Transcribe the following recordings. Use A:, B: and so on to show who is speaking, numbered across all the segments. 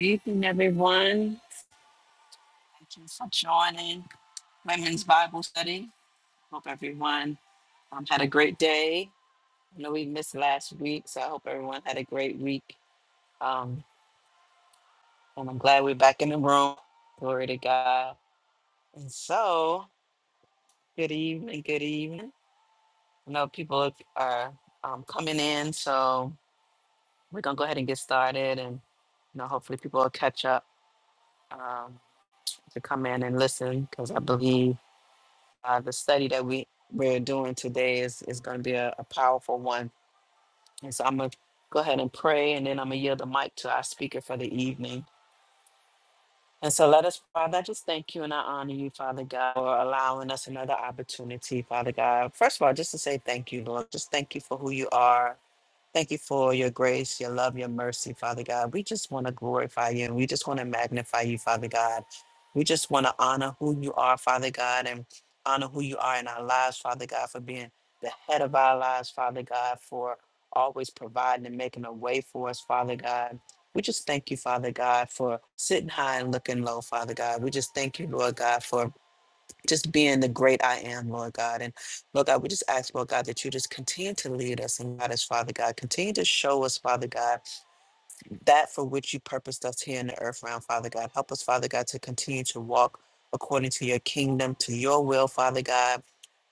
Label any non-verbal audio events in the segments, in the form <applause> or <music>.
A: Evening, everyone. Thank you for joining Women's Bible Study. Hope everyone um, had a great day. I know we missed last week, so I hope everyone had a great week. Um, and I'm glad we're back in the room. Glory to God. And so, good evening, good evening. I know people are um, coming in, so we're going to go ahead and get started. And you know, hopefully, people will catch up um, to come in and listen because I believe. uh, the study that we we're doing today is is going to be a, a powerful one. And so I'm gonna go ahead and pray, and then I'm gonna yield the mic to our speaker for the evening. And so let us, Father, I just thank you and I honor you, Father God, for allowing us another opportunity, Father God. First of all, just to say thank you, Lord. Just thank you for who you are. Thank you for your grace, your love, your mercy, Father God. We just want to glorify you and we just want to magnify you, Father God. We just want to honor who you are, Father God, and honor who you are in our lives, Father God, for being the head of our lives, Father God, for always providing and making a way for us, Father God. We just thank you, Father God, for sitting high and looking low, Father God. We just thank you, Lord God, for just being the great I am, Lord God. And Lord God, we just ask, Lord God, that you just continue to lead us and God, as Father God. Continue to show us, Father God that for which you purposed us here in the earth realm, Father God. Help us, Father God, to continue to walk according to your kingdom, to your will, Father God.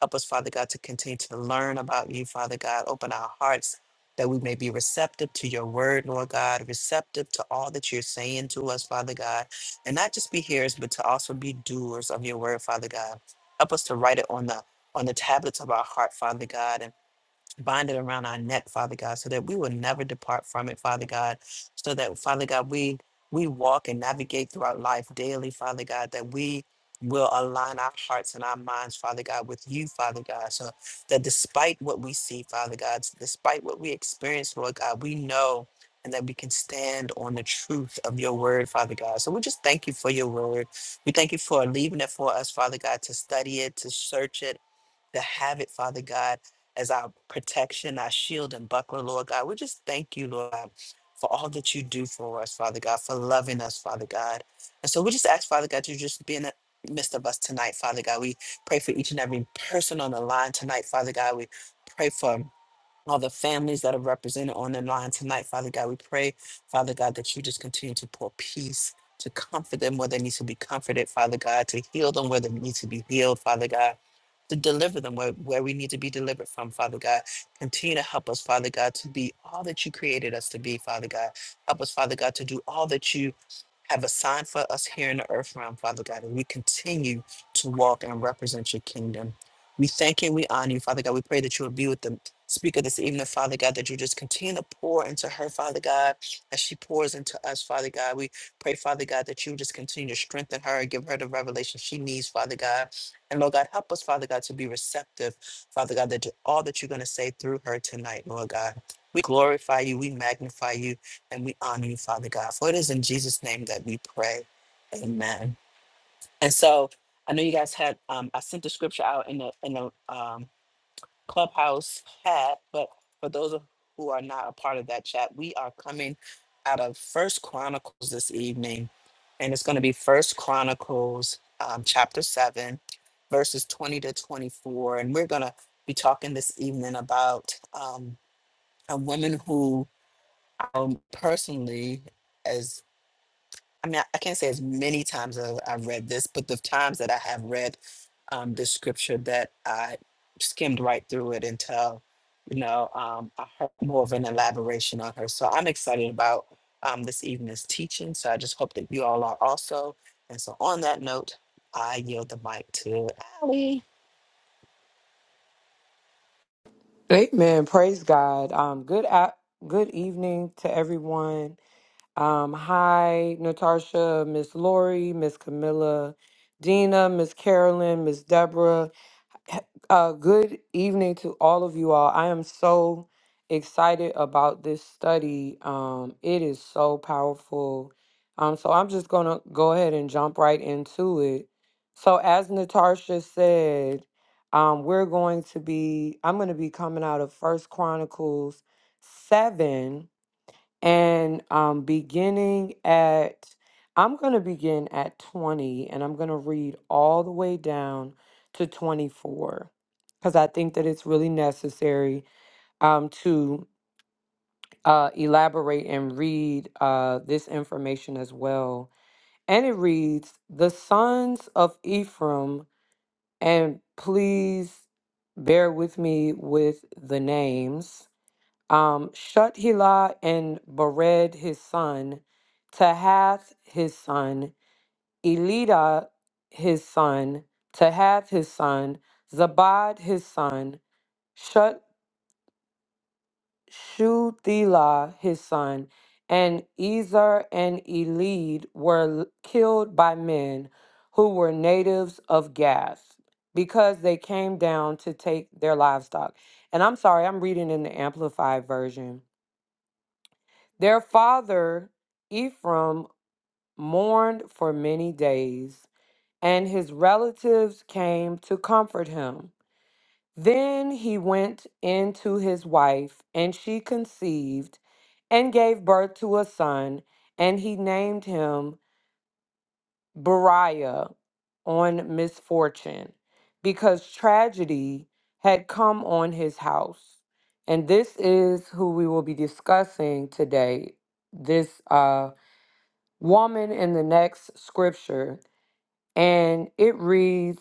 A: Help us, Father God, to continue to learn about you, Father God. Open our hearts that we may be receptive to your word, Lord God, receptive to all that you're saying to us, Father God. And not just be hearers, but to also be doers of your word, Father God. Help us to write it on the on the tablets of our heart, Father God, and bind it around our neck, Father God, so that we will never depart from it, Father God. So that, Father God, we we walk and navigate throughout life daily, Father God, that we will align our hearts and our minds, Father God, with you, Father God. So that despite what we see, Father God, despite what we experience, Lord God, we know and that we can stand on the truth of your word, Father God. So we just thank you for your word. We thank you for leaving it for us, Father God, to study it, to search it, to have it, Father God as our protection, our shield and buckler, Lord God. We just thank you, Lord God, for all that you do for us, Father God, for loving us, Father God. And so we just ask, Father God, to just be in the midst of us tonight, Father God. We pray for each and every person on the line tonight, Father God. We pray for all the families that are represented on the line tonight. Father God, we pray, Father God, that you just continue to pour peace, to comfort them where they need to be comforted, Father God, to heal them where they need to be healed, Father God. To deliver them where, where we need to be delivered from, Father God. Continue to help us, Father God, to be all that you created us to be, Father God. Help us, Father God, to do all that you have assigned for us here in the earth realm, Father God, and we continue to walk and represent your kingdom. We thank you and we honor you, Father God. We pray that you will be with them speaker this evening, Father God, that you just continue to pour into her, Father God, as she pours into us, Father God. We pray, Father God, that you just continue to strengthen her and give her the revelation she needs, Father God. And Lord God, help us, Father God, to be receptive, Father God, that to all that you're going to say through her tonight, Lord God. We glorify you, we magnify you, and we honor you, Father God. For it is in Jesus' name that we pray. Amen. And so I know you guys had um, I sent the scripture out in the in the um, Clubhouse had, but for those of- who are not a part of that chat, we are coming out of First Chronicles this evening, and it's going to be First Chronicles um, chapter seven, verses twenty to twenty-four, and we're going to be talking this evening about um, a woman who um, personally. I mean, I I can't say as many times as I've read this, but the times that I have read um, this scripture, that I skimmed right through it until, you know, um, I heard more of an elaboration on her. So I'm excited about um, this evening's teaching. So I just hope that you all are also. And so on that note, I yield the mic to Allie.
B: Amen. Praise God. Um, good a- good evening to everyone. Um, hi, Natasha, Miss Lori, Miss Camilla, Dina, Miss Carolyn, Miss Deborah, <laughs> Uh, good evening to all of you all. I am so excited about this study. Um, it is so powerful. Um, so I'm just gonna go ahead and jump right into it. So as Natasha said, um, we're going to be. I'm going to be coming out of First Chronicles seven, and um, beginning at, I'm going to begin at 20 and I'm going to read all the way down to 24 because I think that it's really necessary um, to uh, elaborate and read uh, this information as well. And it reads The sons of Ephraim, and please bear with me with the names um, Shut and Bered his son, Tahath his son, Elida his son, Tahath his son, Zabad his son, Shut Shuthilah his son, and Ezer and Elid were l- killed by men who were natives of Gath because they came down to take their livestock. And I'm sorry, I'm reading in the Amplified version Their father Ephraim mourned for many days, and his relatives came to comfort him. Then he went in to his wife, and she conceived and gave birth to a son, and he named him Beriah on misfortune, because tragedy had come on his house. And this is who we will be discussing today. This uh. woman in the next scripture, and it reads,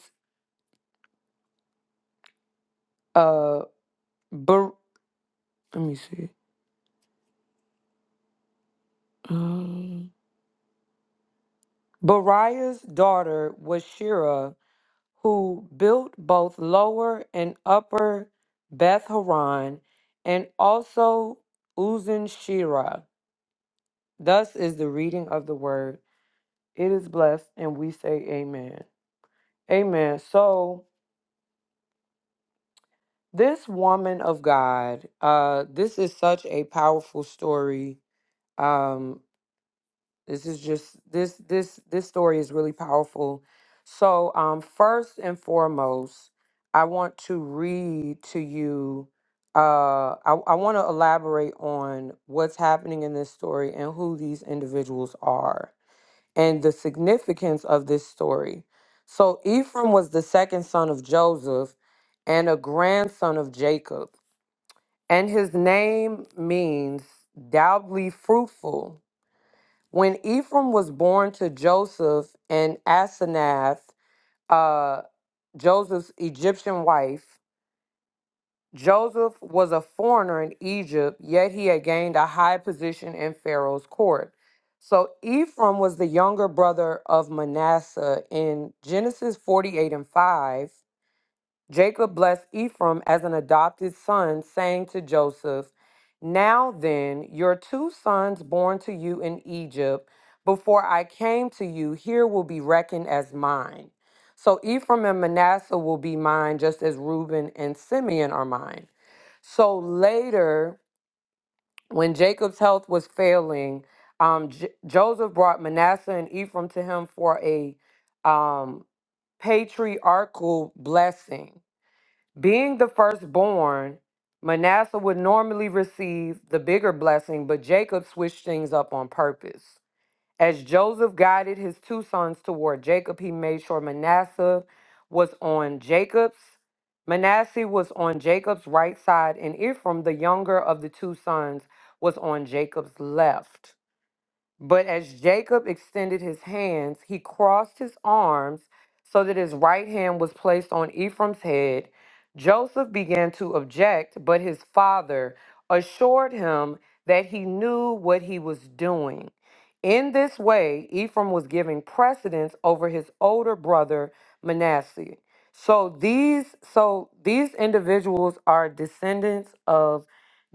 B: uh, Bar- let me see. Um, Bariah's daughter was Shira, who built both lower and upper Beth Horon, and also Uzan Shira. Thus is the reading of the word. It is blessed, and we say amen. Amen. So, this woman of God, uh, this is such a powerful story um this is just this this this story is really powerful so um first and foremost i want to read to you uh i, I want to elaborate on what's happening in this story and who these individuals are and the significance of this story so ephraim was the second son of joseph and a grandson of jacob and his name means doubly fruitful when Ephraim was born to Joseph and Asenath, uh, Joseph's Egyptian wife, Joseph was a foreigner in Egypt, yet he had gained a high position in Pharaoh's court. So Ephraim was the younger brother of Manasseh in Genesis 48 and 5. Jacob blessed Ephraim as an adopted son, saying to Joseph, Now then, your two sons born to you in Egypt, before I came to you, here will be reckoned as mine. So Ephraim and Manasseh will be mine, just as Reuben and Simeon are mine. So later, when Jacob's health was failing, um, J- Joseph brought Manasseh and Ephraim to him for a um, patriarchal blessing. Being the firstborn, Manasseh would normally receive the bigger blessing, but Jacob switched things up on purpose. As Joseph guided his two sons toward Jacob, he made sure Manasseh was on Jacob's Manasseh was on Jacob's right side and Ephraim, the younger of the two sons, was on Jacob's left. But as Jacob extended his hands, he crossed his arms so that his right hand was placed on Ephraim's head. Joseph began to object, but his father assured him that he knew what he was doing. In this way, Ephraim was giving precedence over his older brother Manasseh. So these so these individuals are descendants of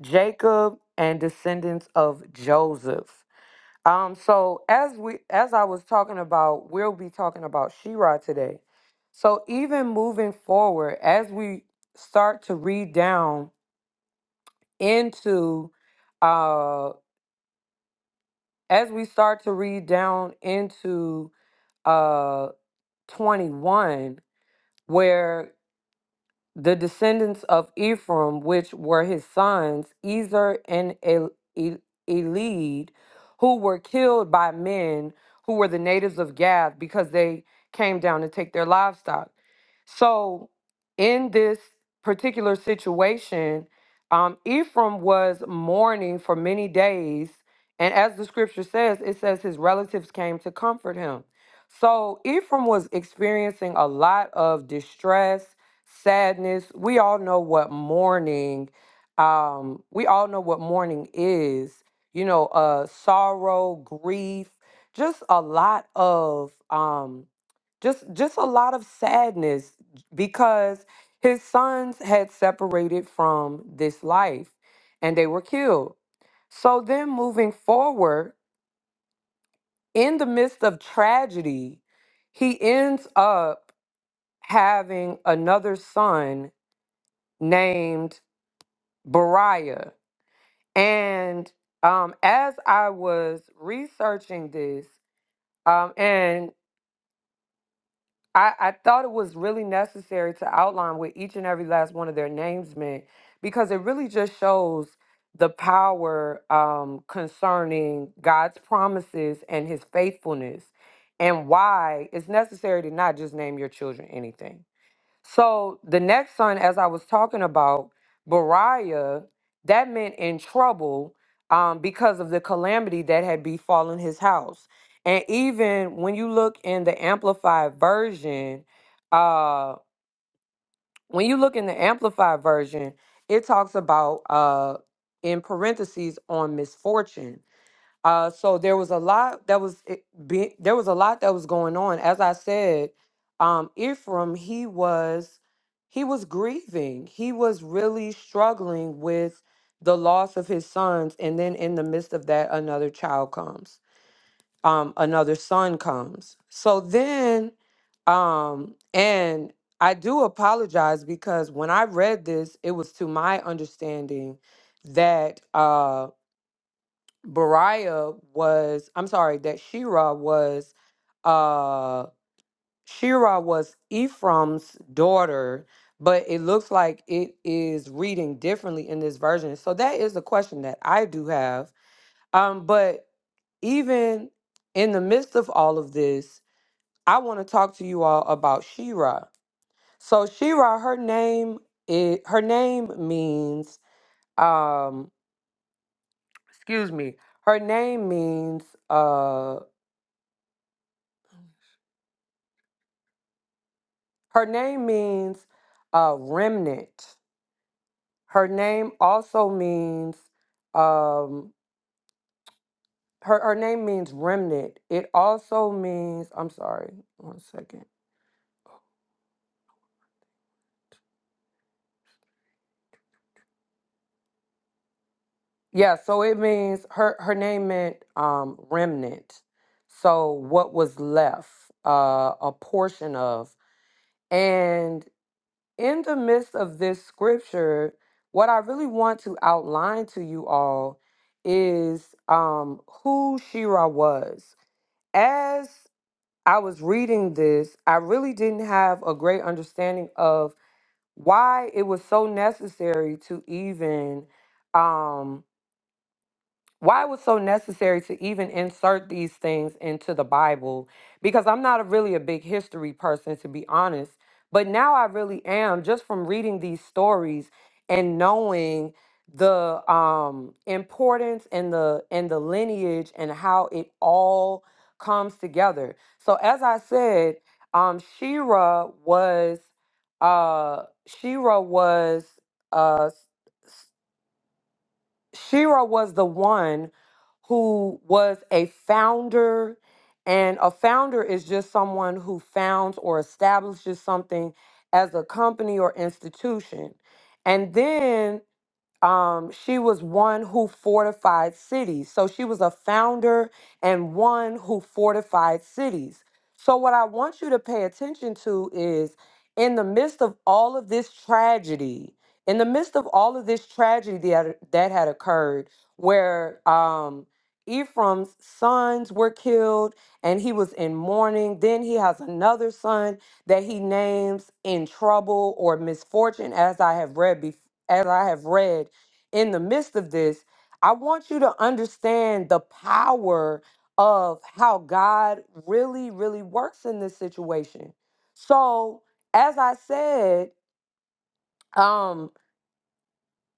B: Jacob and descendants of Joseph. Um, so as we as I was talking about, we'll be talking about Shira today. So even moving forward, as we start to read down into uh as we start to read down into uh 21, where The descendants of Ephraim, which were his sons, Ezer and El- El- Elid, who were killed by men who were the natives of Gath because they came down to take their livestock. So, in this particular situation, um, Ephraim was mourning for many days. And as the scripture says, it says his relatives came to comfort him. So, Ephraim was experiencing a lot of distress sadness. We all know what mourning, um, we all know what mourning is, you know, uh sorrow, grief, just a lot of um just just a lot of sadness because his sons had separated from this life and they were killed. So then moving forward, in the midst of tragedy, he ends up having another son named Beriah. And um, as I was researching this, um, and I, I thought it was really necessary to outline what each and every last one of their names meant because it really just shows the power um, concerning God's promises and his faithfulness and why it's necessary to not just name your children anything so the next son, as I was talking about, Beriah, that meant in trouble um, because of the calamity that had befallen his house. And even when you look in the Amplified Version, uh, when you look in the Amplified Version, it talks about, uh, in parentheses, on misfortune. Uh, so there was a lot that was it, be, there was a lot that was going on. As I said, um, Ephraim he was he was grieving. He was really struggling with the loss of his sons, and then in the midst of that, another child comes. Um, another son comes. So then, um, and I do apologize because when I read this, it was to my understanding that uh, Beriah was, I'm sorry, that Shira was, uh, Shira was Ephraim's daughter, but it looks like it is reading differently in this version. So that is a question that I do have. Um, but even in the midst of all of this, I want to talk to you all about Shira. So Shira, her name it her name means um excuse me, her name means uh, Her name means uh, remnant. Her name also means um, her her name means remnant. It also means I'm sorry, one second. Yeah, so it means her her name meant um, remnant. So what was left, uh, a portion of, and in the midst of this scripture, what I really want to outline to you all is um, who Shira was. as I was reading this, I really didn't have a great understanding of why it was so necessary to even um, why it was so necessary to even insert these things into the Bible because I'm not a, really a big history person to be honest, but now I really am just from reading these stories and knowing the um importance and the and the lineage and how it all comes together. So as I said, um Shira was uh Shira was uh Shira was the one who was a founder, and a founder is just someone who founds or establishes something as a company or institution. And then um, she was one who fortified cities. So she was a founder and one who fortified cities. So, what I want you to pay attention to is in the midst of all of this tragedy, in the midst of all of this tragedy that, that had occurred, where um, Ephraim's sons were killed and he was in mourning, then he has another son that he names in trouble or misfortune, as I have read before. As I have read in the midst of this, I want you to understand the power of how God really, really works in this situation. So, as I said, um,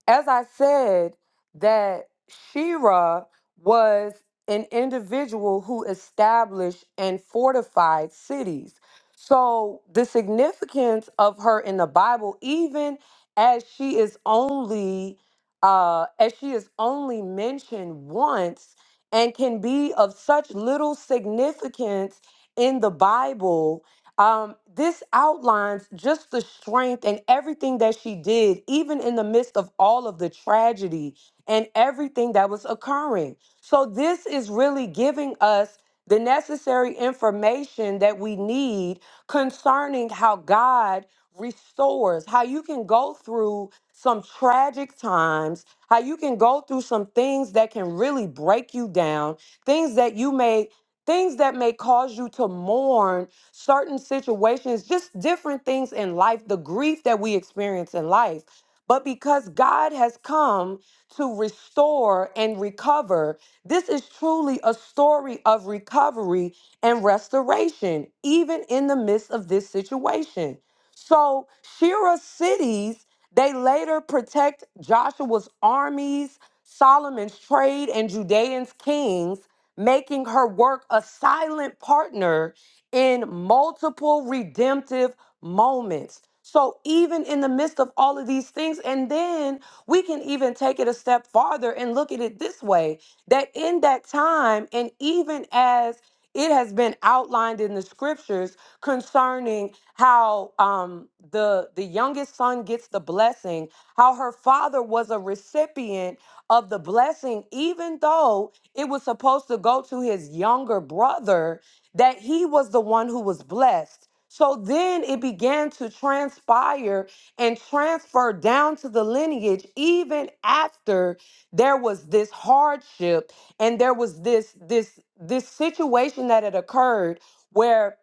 B: as I said, that Shira was an individual who established and fortified cities. So the significance of her in the Bible, even as she is only uh, as she is only mentioned once and can be of such little significance in the Bible, um, this outlines just the strength and everything that she did, even in the midst of all of the tragedy and everything that was occurring. So, this is really giving us the necessary information that we need concerning how God restores, how you can go through some tragic times, how you can go through some things that can really break you down, things that you may. Things that may cause you to mourn certain situations, just different things in life, the grief that we experience in life. But because God has come to restore and recover, this is truly a story of recovery and restoration, even in the midst of this situation. So, Shira's cities, they later protect Joshua's armies, Solomon's trade, and Judean's kings, making her work a silent partner in multiple redemptive moments. So, even in the midst of all of these things, and then we can even take it a step farther and look at it this way that in that time, and even as it has been outlined in the scriptures concerning how um, the the youngest son gets the blessing, how her father was a recipient of the blessing, even though it was supposed to go to his younger brother that he was the one who was blessed. So then it began to transpire and transfer down to the lineage, even after there was this hardship and there was this this this situation that had occurred where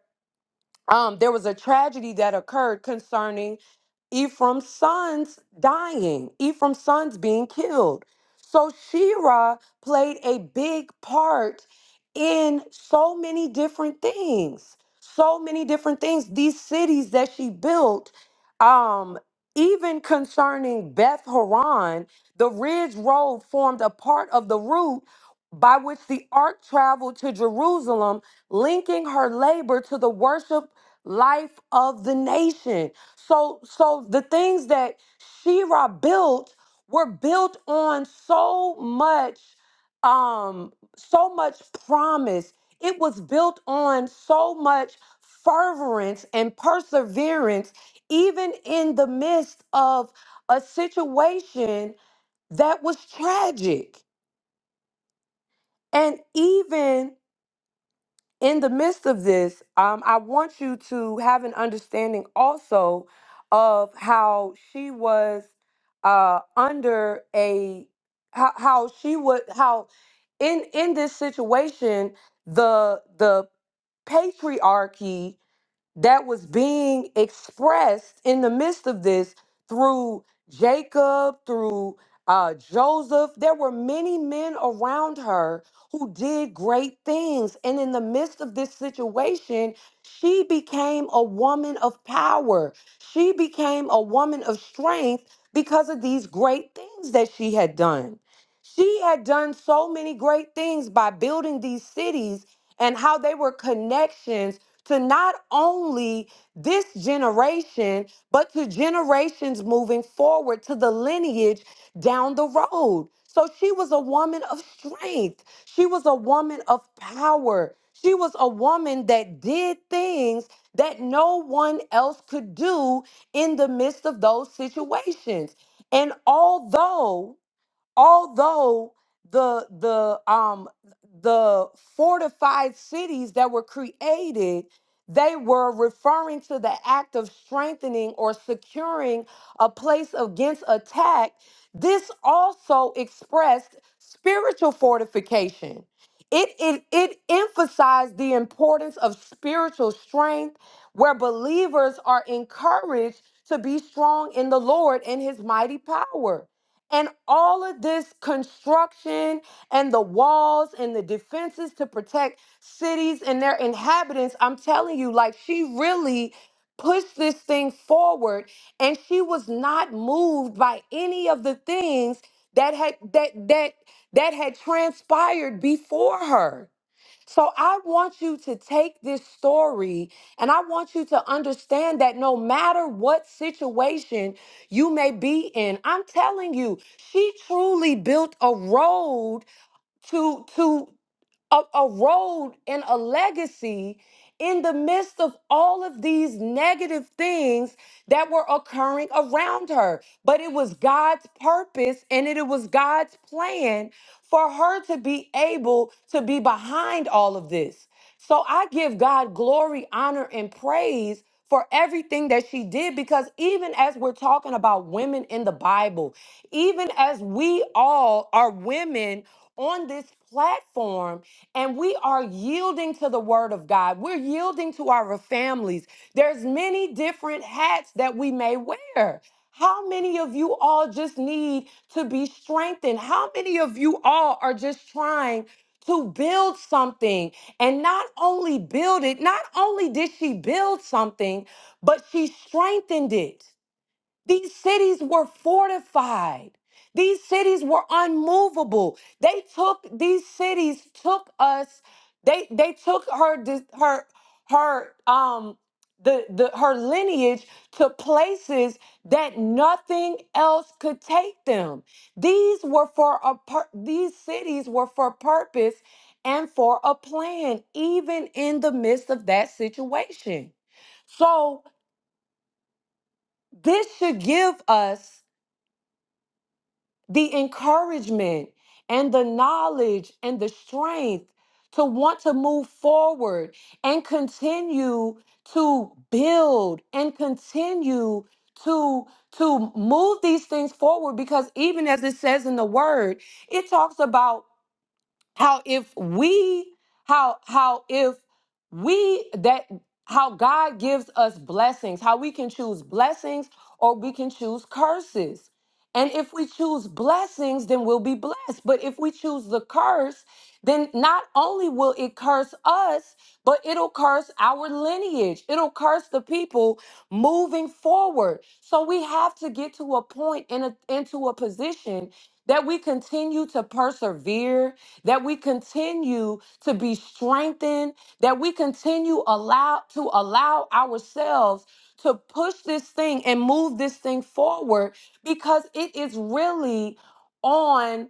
B: um, there was a tragedy that occurred concerning Ephraim's sons dying, Ephraim's sons being killed. So Shira played a big part in so many different things. So many different things. These cities that she built, um, even concerning Beth Horon, the ridge road formed a part of the route by which the ark traveled to Jerusalem, linking her labor to the worship life of the nation. So so the things that Shira built were built on so much um so much promise. It was built on so much fervorance and perseverance even in the midst of a situation that was tragic. And even in the midst of this, um, I want you to have an understanding also of how she was uh, under a how, how she would how in in this situation the the patriarchy that was being expressed in the midst of this through Jacob, through uh, Joseph. There were many men around her who did great things. And in the midst of this situation, she became a woman of power. She became a woman of strength because of these great things that she had done. She had done so many great things by building these cities and how they were connections to not only this generation, but to generations moving forward to the lineage down the road. So she was a woman of strength. She was a woman of power. She was a woman that did things that no one else could do in the midst of those situations. And although although the the um the fortified cities that were created they were referring to the act of strengthening or securing a place against attack this also expressed spiritual fortification it, it, it emphasized the importance of spiritual strength where believers are encouraged to be strong in the lord and his mighty power and all of this construction and the walls and the defenses to protect cities and their inhabitants, I'm telling you, like she really pushed this thing forward and she was not moved by any of the things that had that that that had transpired before her. So I want you to take this story and I want you to understand that no matter what situation you may be in, I'm telling you, she truly built a road to to a, a road and a legacy in the midst of all of these negative things that were occurring around her. But it was God's purpose and it, it was God's plan for her to be able to be behind all of this. So I give God glory, honor, and praise. For everything that she did, because even as we're talking about women in the Bible, even as we all are women on this platform, and we are yielding to the word of God. We're yielding to our families. There's many different hats that we may wear. How many of you all just need to be strengthened? How many of you all are just trying to build something and not only build it, not only did she build something, but she strengthened it. These cities were fortified. These cities were unmovable. They took these cities took us they they took her dis- her her um the, the her lineage to places that nothing else could take them. These were for a pur- these cities were for purpose and for a plan even in the midst of that situation. So this should give us the encouragement and the knowledge and the strength to want to move forward and continue to build and continue to to move these things forward because even as it says in the word it talks about how if we how how if we that how God gives us blessings, how we can choose blessings or we can choose curses. And if we choose blessings, then we'll be blessed. But if we choose the curse, then not only will it curse us, but it'll curse our lineage. It'll curse the people moving forward. So we have to get to a point point in a- into a position that we continue to persevere, that we continue to be strengthened, that we continue allow to allow ourselves to push this thing and move this thing forward because it is really on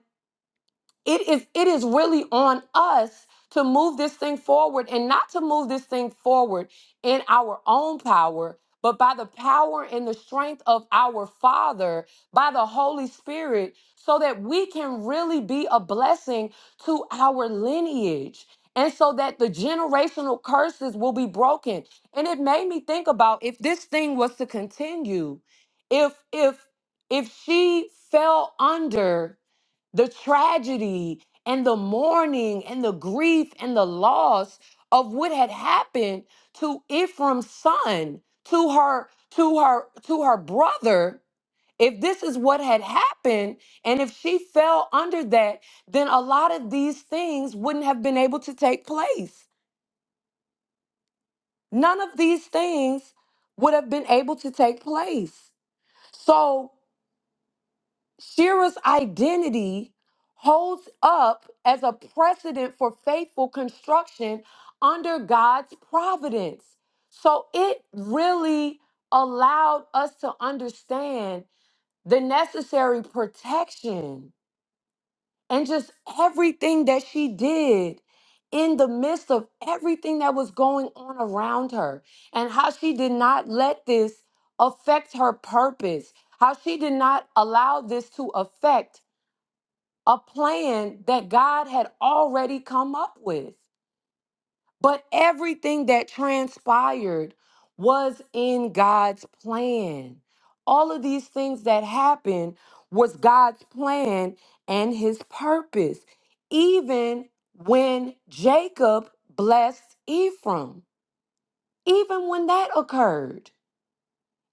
B: it is it is really on us to move this thing forward and not to move this thing forward in our own power but by the power and the strength of our father by the holy spirit so that we can really be a blessing to our lineage and so that the generational curses will be broken and it made me think about if this thing was to continue if if if she fell under the tragedy and the mourning and the grief and the loss of what had happened to Ephraim's son, to her, to her, to her brother. If this is what had happened, and if she fell under that, then a lot of these things wouldn't have been able to take place. None of these things would have been able to take place. So Shira's identity holds up as a precedent for faithful construction under God's providence. So it really allowed us to understand the necessary protection and just everything that she did in the midst of everything that was going on around her and how she did not let this affect her purpose, how she did not allow this to affect a plan that God had already come up with. But everything that transpired was in God's plan. All of these things that happened was God's plan and his purpose, even when Jacob blessed Ephraim, even when that occurred.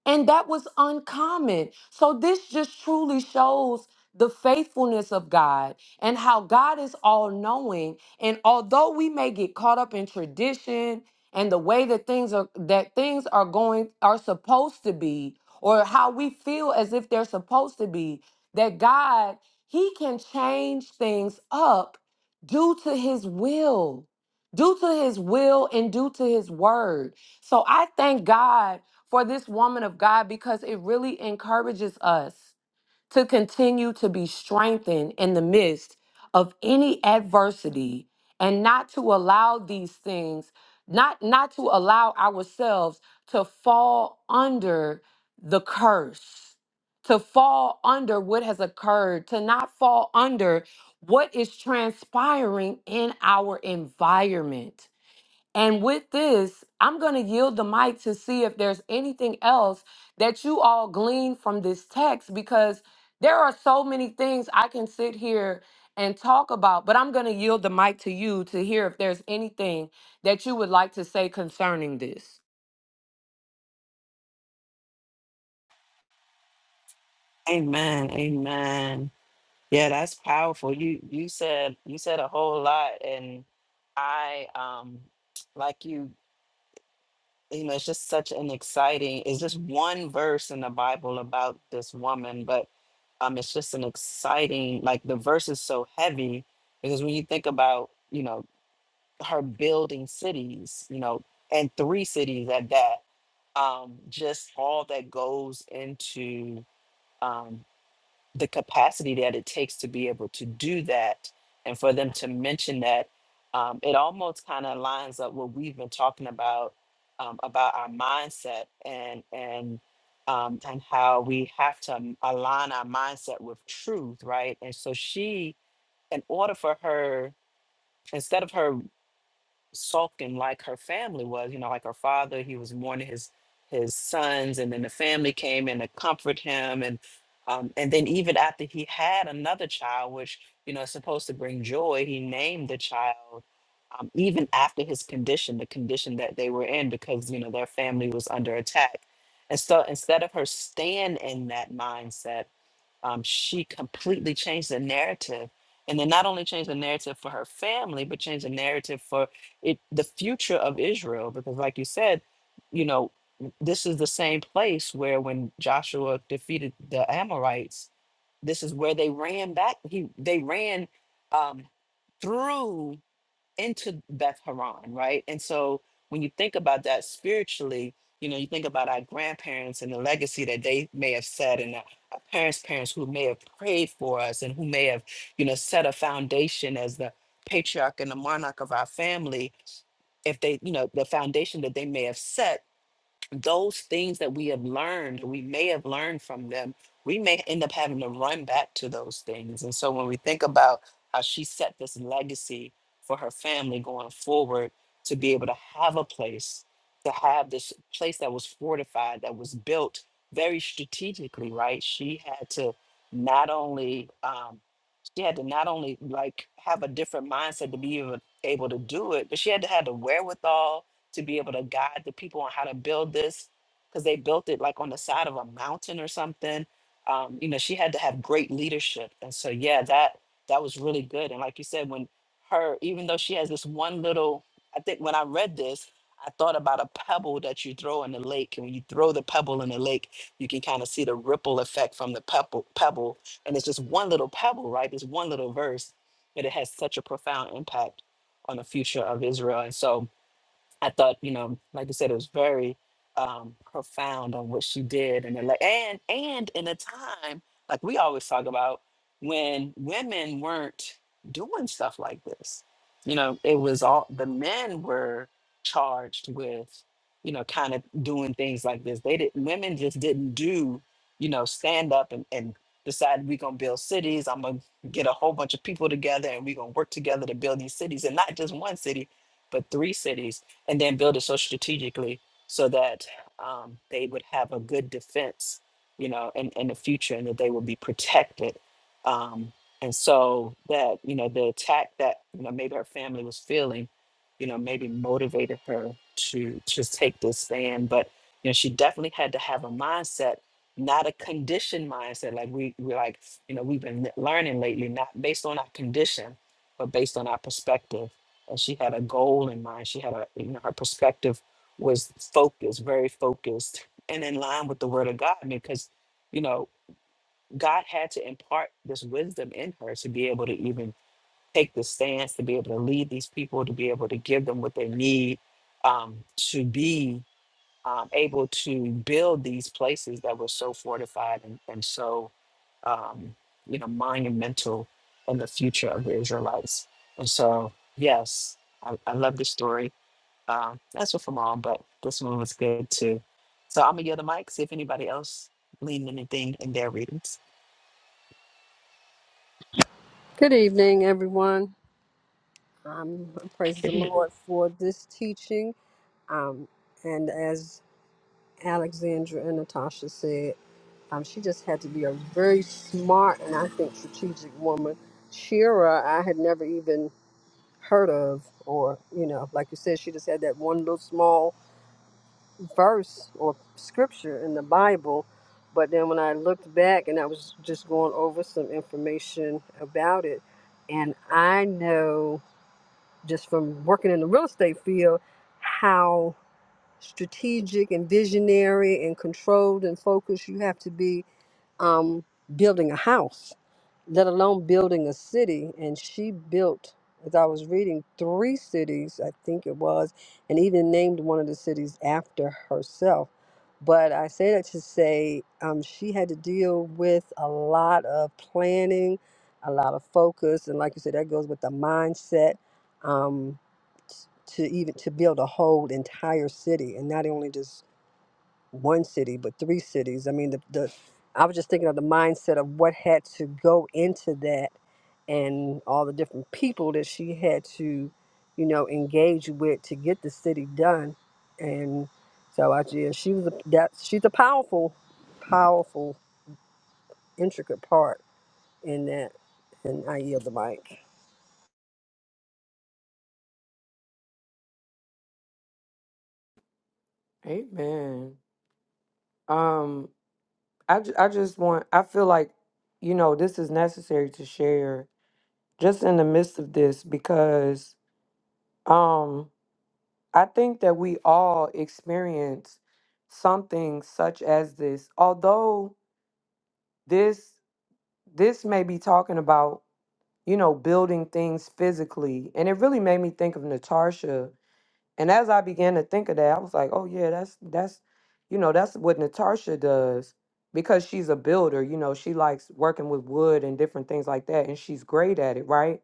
B: And that was uncommon. So this just truly shows the faithfulness of God and how God is all knowing. And although we may get caught up in tradition and the way that things are that things are going are supposed to be or how we feel as if they're supposed to be, that God, he can change things up due to his will. Due to his will and due to his word. So I thank God for this woman of God because it really encourages us to continue to be strengthened in the midst of any adversity and not to allow these things not not to allow ourselves to fall under the curse to fall under what has occurred to not fall under what is transpiring in our environment and with this, I'm going to yield the mic to see if there's anything else that you all glean from this text because there are so many things I can sit here and talk about, but I'm going to yield the mic to you to hear if there's anything that you would like to say concerning this.
A: Amen. Amen. Yeah, that's powerful. You you said you said a whole lot, and I um like you you know, it's just such an exciting, it's just one verse in the Bible about this woman, but um, it's just an exciting, like the verse is so heavy because when you think about, you know, her building cities, you know, and three cities at that, um, just all that goes into um, the capacity that it takes to be able to do that and for them to mention that um, it almost kind of lines up what we've been talking about um, about our mindset and and um, and how we have to align our mindset with truth right and so she in order for her instead of her sulking like her family was. You know, like her father, he was mourning his his sons, and then the family came in to comfort him, and um, and then even after he had another child, which you know is supposed to bring joy, he named the child. Um, even after his condition, the condition that they were in, because you know their family was under attack, and so instead of her staying in that mindset um, she completely changed the narrative and then not only changed the narrative for her family but changed the narrative for it the future of israel because like you said you know this is the same place where when joshua defeated the amorites this is where they ran back he they ran um, through into Beth Horon, right? And so when you think about that spiritually, you know, you think about our grandparents and the legacy that they may have set and our our parents' parents who may have prayed for us and who may have, you know, set a foundation as the patriarch and the monarch of our family. If they, you know, the foundation that they may have set those things that we have learned, we may have learned from them, we may end up having to run back to those things. And so when we think about how she set this legacy for her family going forward to be able to have a place, to have this place that was fortified, that was built very strategically, right? She had to not only um, she had to not only like have a different mindset to be able, able to do it, but she had to have the wherewithal to be able to guide the people on how to build this because they built it like on the side of a mountain or something. Um, you know, she had to have great leadership, and so yeah, that that was really good. And like you said, when her, even though she has this one little, I think when I read this, I thought about a pebble that you throw in the lake, and when you throw the pebble in the lake, you can kind of see the ripple effect from the pebble pebble and it's just one little pebble, right? This one little verse, but it has such a profound impact on the future of Israel. And so I thought, you know, like I said, it was very um, profound on what she did, and it like, and and in a time like we always talk about when women weren't doing stuff like this, you know, it was all the men were charged with, you know, kind of doing things like this. They didn't, women just didn't do, you know, stand up and and decide we're gonna build cities. I'm gonna get a whole bunch of people together, and we're gonna work together to build these cities, and not just one city, but three cities and then build it so strategically so that um, they would have a good defense, you know, in, in the future and that they would be protected. Um, and so that, you know, the attack that, you know, maybe her family was feeling, you know, maybe motivated her to just take this stand. But, you know, she definitely had to have a mindset, not a conditioned mindset. Like we, we like, you know, we've been learning lately, not based on our condition, but based on our perspective and she had a goal in mind. She had a, you know, her perspective was focused, very focused, and in line with the word of God because, you know, God had to impart this wisdom in her to be able to even take the stance, to be able to lead these people, to be able to give them what they need um, to be um, able to build these places that were so fortified and, and so um, you know monumental in the future of the Israelites. And so, yes, I, I love the story. Um, that's what from all, but this one was good too. So I'm gonna yield the mic. See if anybody else leaned anything in their readings.
C: Good evening, everyone. Um, praise the
A: Good
C: Lord for this teaching. Um, and as Alexandra and Natasha said, um, she just had to be a very smart and I think strategic woman. Shira, I had never even heard of, or, you know, like you said, she just had that one little small verse or scripture in the Bible. But then when I looked back and I was just going over some information about it, and I know. just from working in the real estate field how strategic and visionary and controlled and focused you have to be um, building a house, let alone building a city. And she built, as I was reading, three cities, I think it was, and even named one of the cities after herself. But I say that to say um, she had to deal with a lot of planning, a lot of focus. And like you said, that goes with the mindset. Um, to even to build a whole entire city and not only just one city but three cities i mean the, the i was just thinking of the mindset of what had to go into that and all the different people that she had to you know engage with to get the city done and so i yeah, she was a, that she's a powerful powerful intricate part in that and i yield the mic
B: Amen. Um, I, ju- I just want, I feel like, you know, this is necessary to share just in the midst of this because, I think that we all experience something such as this. Although this this may be talking about, you know, building things physically. And it really made me think of Natasha. And as I began to think of that, I was like, oh yeah, that's that's you know, that's what Natasha does because she's a builder, you know, she likes working with wood and different things like that and she's great at it, right?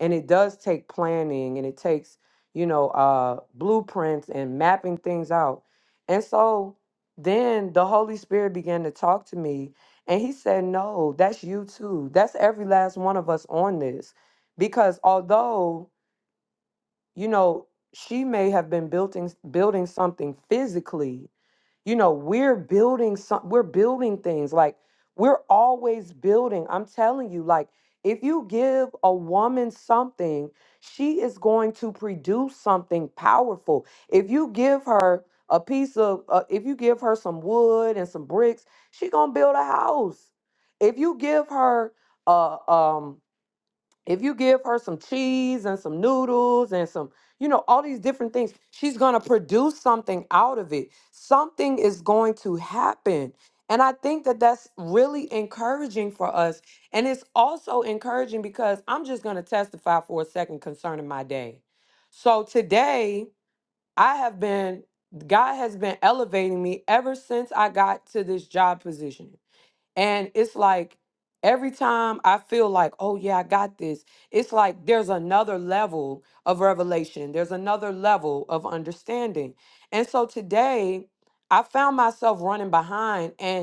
B: and it does take planning and it takes you know uh blueprints and mapping things out and so then the holy spirit began to talk to me and he said no that's you too that's every last one of us on this because although you know she may have been building building something physically you know we're building some we're building things like we're always building i'm telling you like if you give a woman something she is going to produce something powerful if you give her a piece of uh, if you give her some wood and some bricks she gonna build a house if you give her a um if you give her some cheese and some noodles and some, you know, all these different things, she's going to produce something out of it. Something is going to happen. And I think that that's really encouraging for us. And it's also encouraging because I'm just going to testify for a second concerning my day. So today, I have been, God has been elevating me ever since I got to this job position. And it's like every time I feel like, oh yeah, I got this, it's like there's another level of revelation, there's another level of understanding. And so today, I found myself running behind. And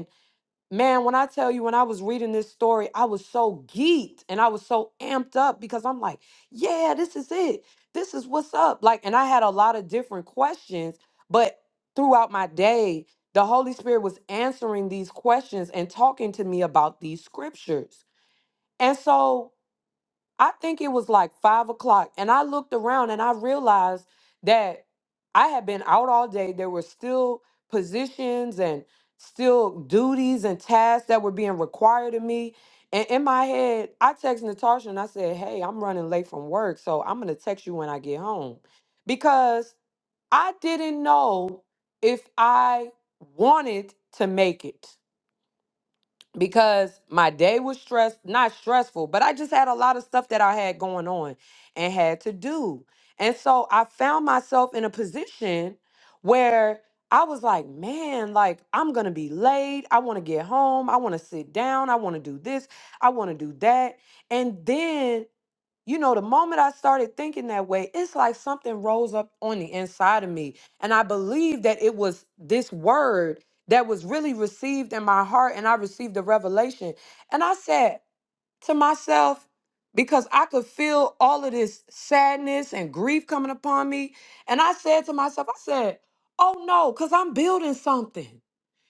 B: Man, when I tell you, when I was reading this story, I was so geeked and I was so amped up because I'm like, yeah, this is it. This is what's up. Like, and I had a lot of different questions, but throughout my day, the Holy Spirit was answering these questions and talking to me about these scriptures. And so I think it was like five o'clock, and I looked around and I realized that I had been out all day. There were still positions and still duties and tasks that were being required of me. And in my head, I texted Natasha and I said, Hey, I'm running late from work, so I'm going to text you when I get home. Because I didn't know if I wanted to make it because my day was stressed, not stressful, but I just had a lot of stuff that I had going on and had to do. And so I found myself in a position where I was like, man, like I'm going to be late. I want to get home. I want to sit down. I want to do this. I want to do that. And then you know, the moment I started thinking that way, it's like something rose up on the inside of me. And I believe that it was this word that was really received in my heart, and I received the revelation. And I said to myself, because I could feel all of this sadness and grief coming upon me. And I said to myself, I said, oh no, because I'm building something.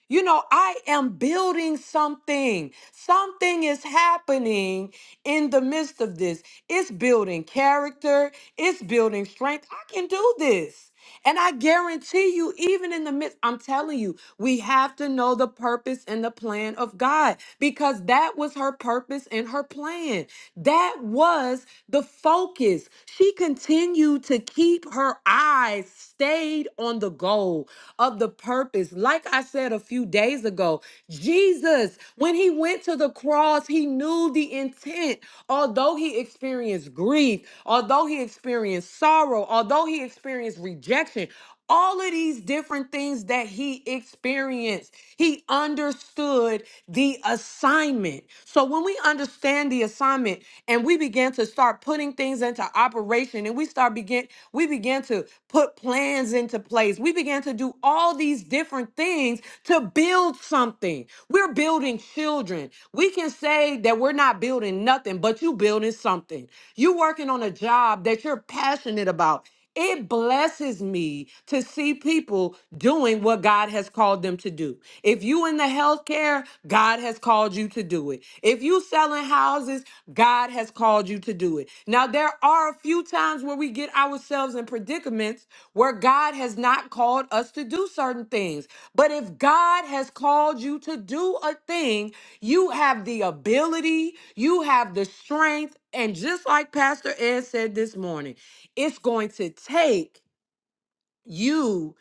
B: You know, I am building something. Something is happening in the midst of this. It's building character, it's building strength. I can do this. And I guarantee you, even in the midst, I'm telling you, we have to know the purpose and the plan of God because that was her purpose and her plan. That was the focus. She continued to keep her eyes stayed on the goal of the purpose. Like I said a few days ago, Jesus, when he went to the cross, he knew the intent. Although he experienced grief, although he experienced sorrow, although he experienced rejection, all of these different things that he experienced, he understood the assignment. So when we understand the assignment and we begin to start putting things into operation and we start begin we begin to put plans into place. We begin to do all these different things to to build something. We're building children. We can say that we're not building nothing, but you building something. You working on a job that you're passionate about. It blesses me to see people doing what God has called them to do. If you in the healthcare, God has called you to do it. If you selling houses, God has called you to do it. Now there are a few times where we get ourselves in predicaments where God has not called us to do certain things. But if God has called you to do a thing, you have the ability, you have the strength. And just like Pastor Ed said this morning, it's going to take you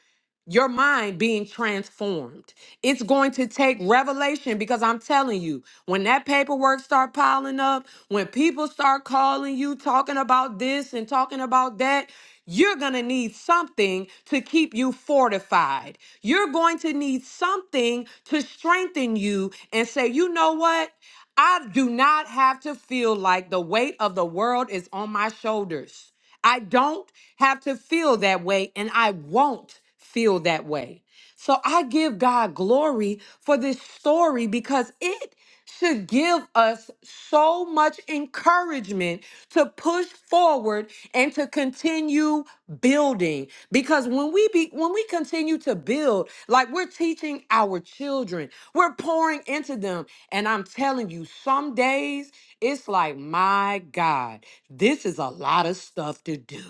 B: your mind being transformed. It's going to take revelation because I'm telling you, when that paperwork start piling up, when people start calling you talking about this and talking about that, you're going to need something to keep you fortified. You're going to need something to strengthen you and say, "You know what? I do not have to feel like the weight of the world is on my shoulders." I don't have to feel that way, and I won't feel that way. So I give God glory for this story because it should give us so much encouragement to push forward and to continue building because when we be when we continue to build like we're teaching our children we're pouring into them and i'm telling you some days it's like my god this is a lot of stuff to do.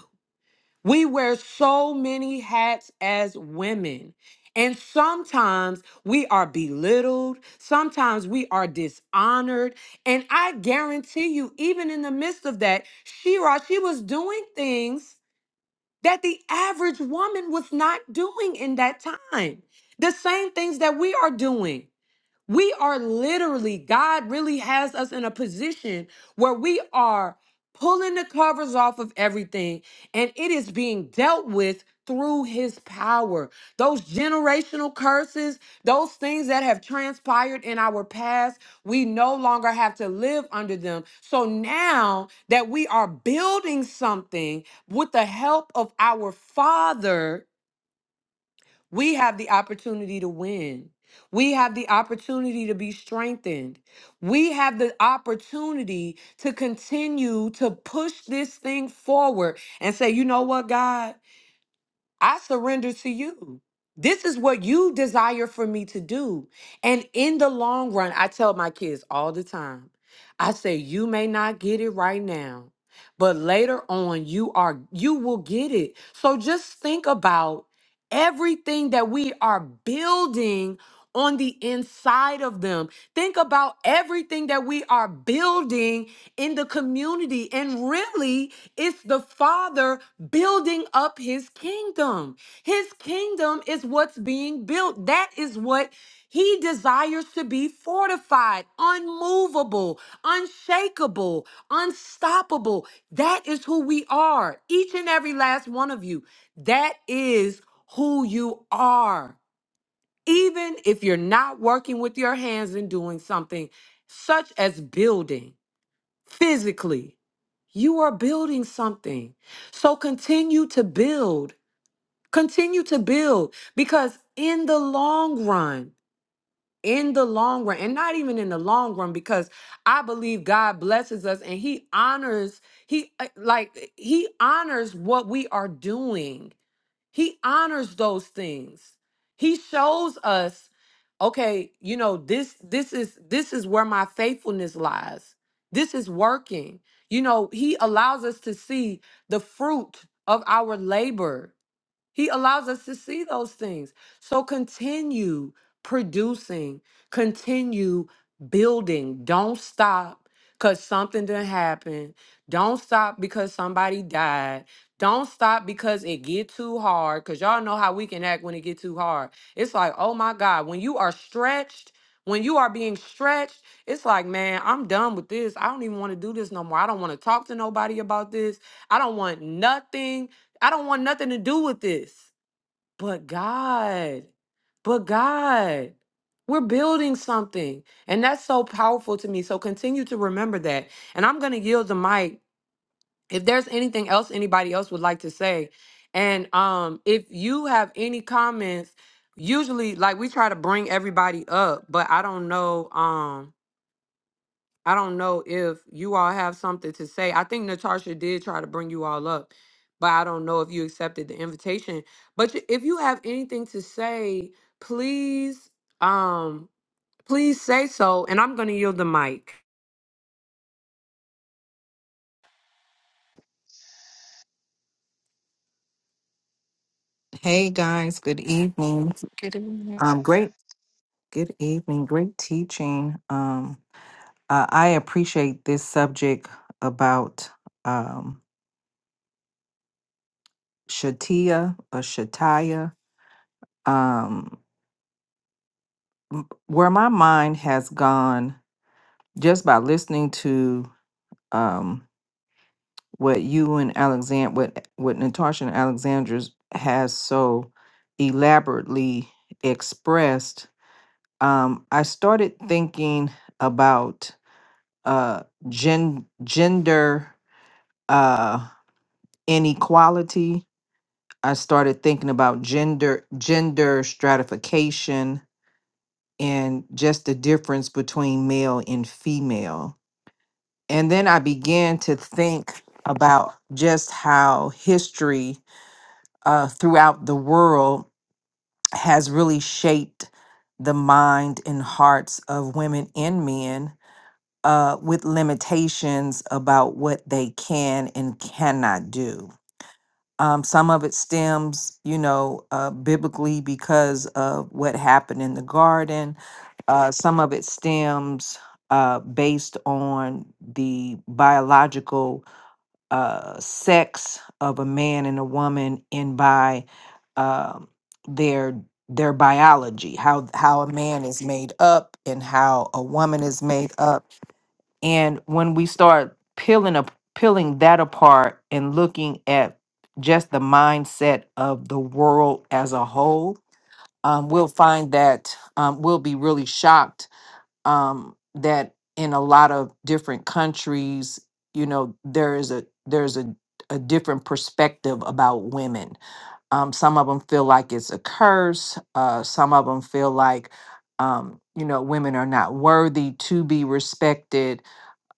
B: We wear so many hats as women. And sometimes we are belittled. Sometimes we are dishonored. And I guarantee you, even in the midst of that, Shira, she was doing things that the average woman was not doing in that time. The same things that we are doing. We are literally, God really has us in a position where we are pulling the covers off of everything and it is being dealt with through his power. Those generational curses, those things that have transpired in our past, we no longer have to live under them. So now that we are building something with the help of our Father, we have the opportunity to win. We have the opportunity to be strengthened. We have the opportunity to continue to push this thing forward and say, you know what, God? I surrender to you. This is what you desire for me to do. And in the long run, I tell my kids all the time I say, you may not get it right now, but later on, you are, you will get it. So just think about everything that we are building on the inside of them. Think about everything that we are building in the community and really it's the Father building up his kingdom. His kingdom is what's being built. That is what he desires to be fortified, unmovable, unshakable, unstoppable. That is who we are, each and every last one of you. That is who you are. Even if you're not working with your hands and doing something such as building physically. You are building something. So continue to build. Continue to build because in the long run, in the long run, and not even in the long run, because I believe God blesses us and He honors, He uh, like He honors what we are doing. He honors those things. He shows us, okay, you know, this this is this is where my faithfulness lies. This is working. You know, he allows us to see the fruit of our labor. He allows us to see those things. So continue producing, continue building. Don't stop because something didn't happen. Don't stop because somebody died. Don't stop because it get too hard. Cause y'all know how we can act when it get too hard. It's like, oh my God, when you are stretched, when you are being stretched, it's like, man, I'm done with this. I don't even want to do this no more. I don't want to talk to nobody about this. I don't want nothing I don't want nothing to do with this. But God, but God, we're building something. And that's so powerful to me. So continue to remember that. And I'm going to yield the mic. If there's anything else anybody else would like to say, and um, if you have any comments, usually like we try to bring everybody up, but I don't know. Um, I don't know if you all have something to say. I think Natasha did try to bring you all up, but I don't know if you accepted the invitation. But you- if you have anything to say, please, um, please say so, and I'm going to yield the mic.
D: Hey guys, good evening.
A: evening.
D: Um, great, good evening, great teaching. Um, uh, I appreciate this subject about um, Shatia or Shataya. Um, m- where my mind has gone just by listening to um, what you and Alexander, what what Natasha and Alexandra has so elaborately expressed. Um, I started thinking about uh gen- gender uh inequality i started thinking about gender gender stratification and just the difference between male and female and then i began to think about just how history uh, throughout the world has really shaped the mind and hearts of women and men uh, with limitations about what they can and cannot do. Um, some of it stems, you know, uh, biblically because of what happened in the garden. Uh, some of it stems uh, based on the biological uh, sex of a man and a woman, and by um their their biology, how how a man is made up and how a woman is made up and when we start peeling up peeling that apart and looking at just the mindset of the world as a whole, um, we'll find that um, we'll be really shocked um, that in a lot of different countries, you know, there is a there's a a different perspective about women. Um, some of them feel like it's a curse. Uh, some of them feel like, um, you know, women are not worthy to be respected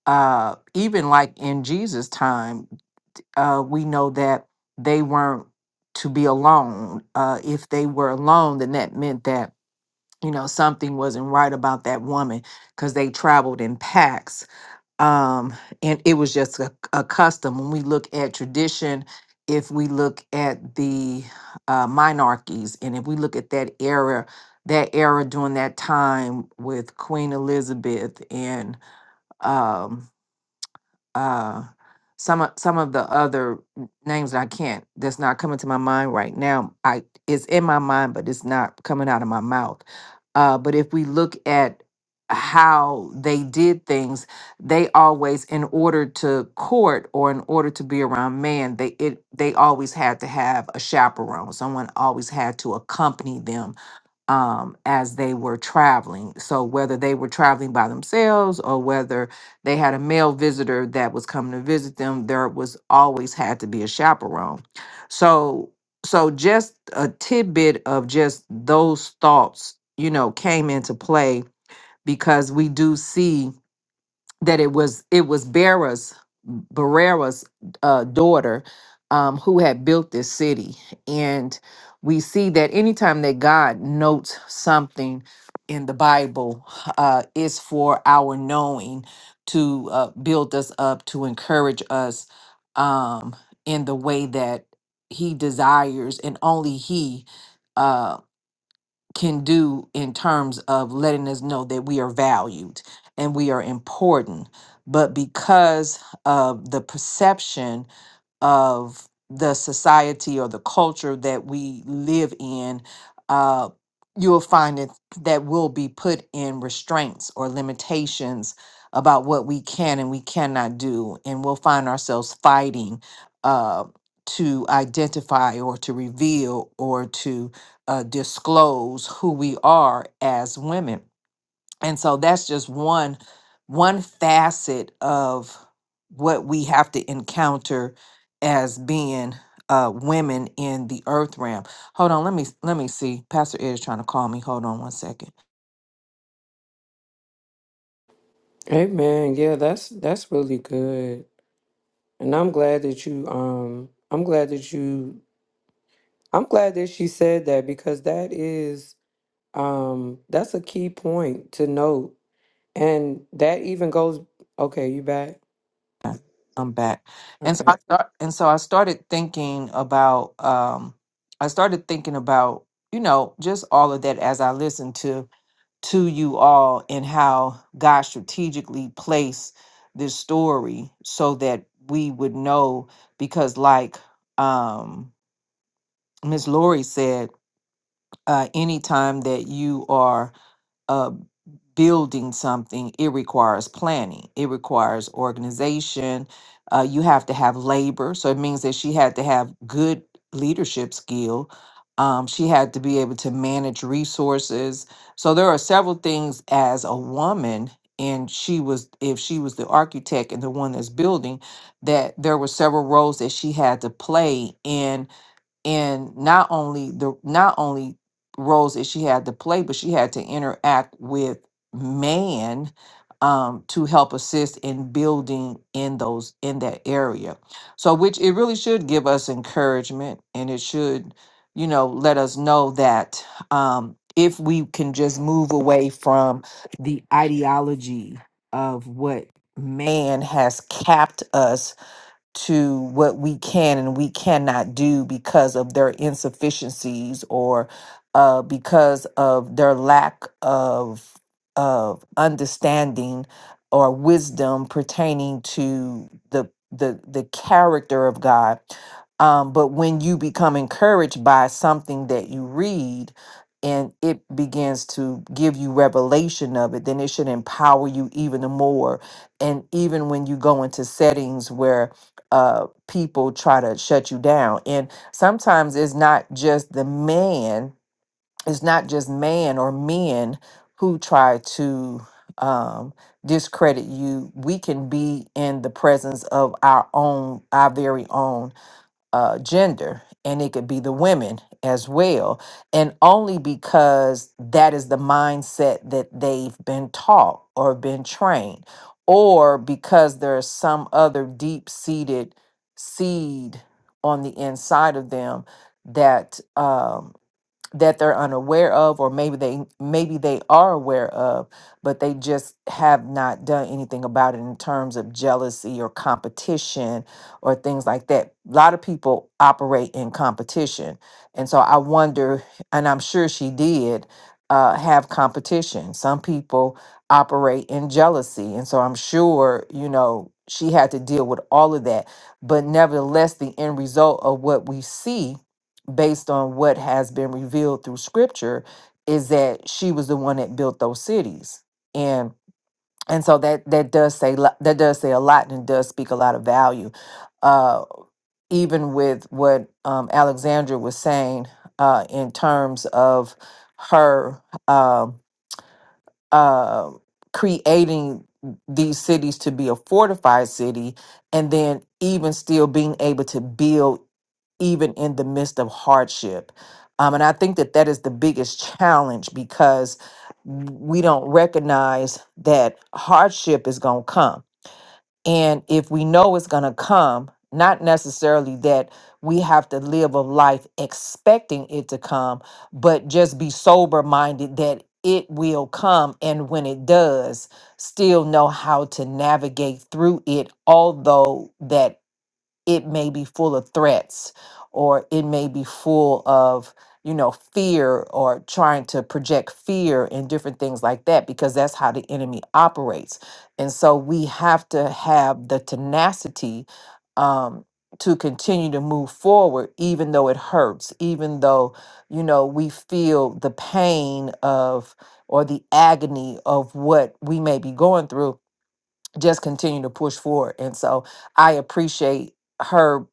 D: uh, even like in Jesus' time, uh, we know that they weren't to be alone. Uh, if they were alone, then that meant that you know something wasn't right about that woman because they traveled in packs, um, and it was just a, a custom. When we look at tradition, if we look at the uh, monarchies, and if we look at that era. That era during that time with Queen Elizabeth and um, uh some of some of the other n- names that I can't that's not coming to my mind right now. I it's in my mind, but it's not coming out of my mouth. Uh, but if we look at how they did things, they always, in order to court or in order to be around man, they it they always had to have a chaperone. Someone always had to accompany them um, as they were traveling. So whether they were traveling by themselves or whether they had a male visitor that was coming to visit them, there was always had to be a chaperone. So so just a tidbit of just those thoughts, you know, came into play because we do see that it was it was Bera's Barrera's uh, daughter um, who had built this city, and we see that anytime that God notes something in the Bible, uh, it's for our knowing to uh, build us up, to encourage us um, in the way that He desires, and only He. uh, can do in terms of letting us know that we are valued and we are important. But because of the perception of the society or the culture that we live in, uh, you'll find that that will be put in restraints or limitations about what we can and we cannot do, and we'll find ourselves fighting uh, to identify or to reveal or to uh, disclose who we are as women and so that's just one one facet of what we have to encounter as being uh women in the earth realm hold on let me let me see pastor ed is trying to call me hold on one second
B: Amen. Yeah, that's that's really good. And I'm glad that you um I'm glad that you I'm glad that she said that because that is um that's a key point to note. And that even goes okay, you back?
D: i'm back and so
B: Okay.
D: i start, and so i started thinking about um i started thinking about you know just all of that as i listened to to you all and how God strategically placed this story so that we would know because like um Miss Lori said, uh anytime that you are uh, building something, it requires planning, it requires organization. Uh, you have to have labor. So it means that she had to have good leadership skill. Um, she had to be able to manage resources. So there are several things as a woman, and she was, if she was the architect and the one that's building, that there were several roles that she had to play in in not only the not only roles that she had to play, but she had to interact with man um, to help assist in building in those in that area. So, which it really should give us encouragement, and it should, you know, let us know that um, if we can just move away from the ideology of what man has capped us to what we can and we cannot do because of their insufficiencies or uh, because of their lack of of understanding or wisdom pertaining to the the the character of God. Um, but when you become encouraged by something that you read and it begins to give you revelation of it, then it should empower you even more. And even when you go into settings where uh people try to shut you down and sometimes it's not just the man it's not just man or men who try to um discredit you we can be in the presence of our own our very own uh, gender and it could be the women as well and only because that is the mindset that they've been taught or been trained or because there's some other deep-seated seed on the inside of them that um, that they're unaware of or maybe they maybe they are aware of but they just have not done anything about it in terms of jealousy or competition or things like that a lot of people operate in competition and so i wonder and i'm sure she did uh, have competition some people operate in jealousy and so i'm sure you know she had to deal with all of that but nevertheless the end result of what we see based on what has been revealed through scripture is that she was the one that built those cities and and so that that does say lo- that does say a lot and does speak a lot of value uh even with what um alexandra was saying uh in terms of her um uh, creating these cities to be a fortified city and then even still being able to build even in the midst of hardship. Um, and I think that that is the biggest challenge because we don't recognize that hardship is going to come. And if we know it's going to come, not necessarily that we have to live a life expecting it to come, but just be sober minded that it will come. And when it does, still know how to navigate through it, although that it may be full of threats or it may be full of you know fear or trying to project fear and different things like that because that's how the enemy operates and so we have to have the tenacity um, to continue to move forward even though it hurts even though you know we feel the pain of or the agony of what we may be going through just continue to push forward. And so I appreciate her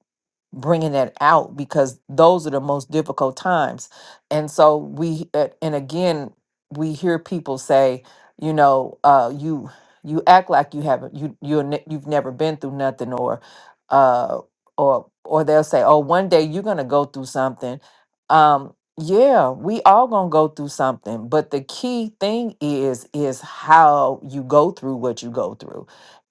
D: bringing that out because those are the most difficult times. And so we, a- and again, we hear people say, you know, uh, you you act like you haven't you you ne- you've never been through nothing or uh or or they'll say oh one day you're gonna go through something um yeah we all gonna go through something but the key thing is is how you go through what you go through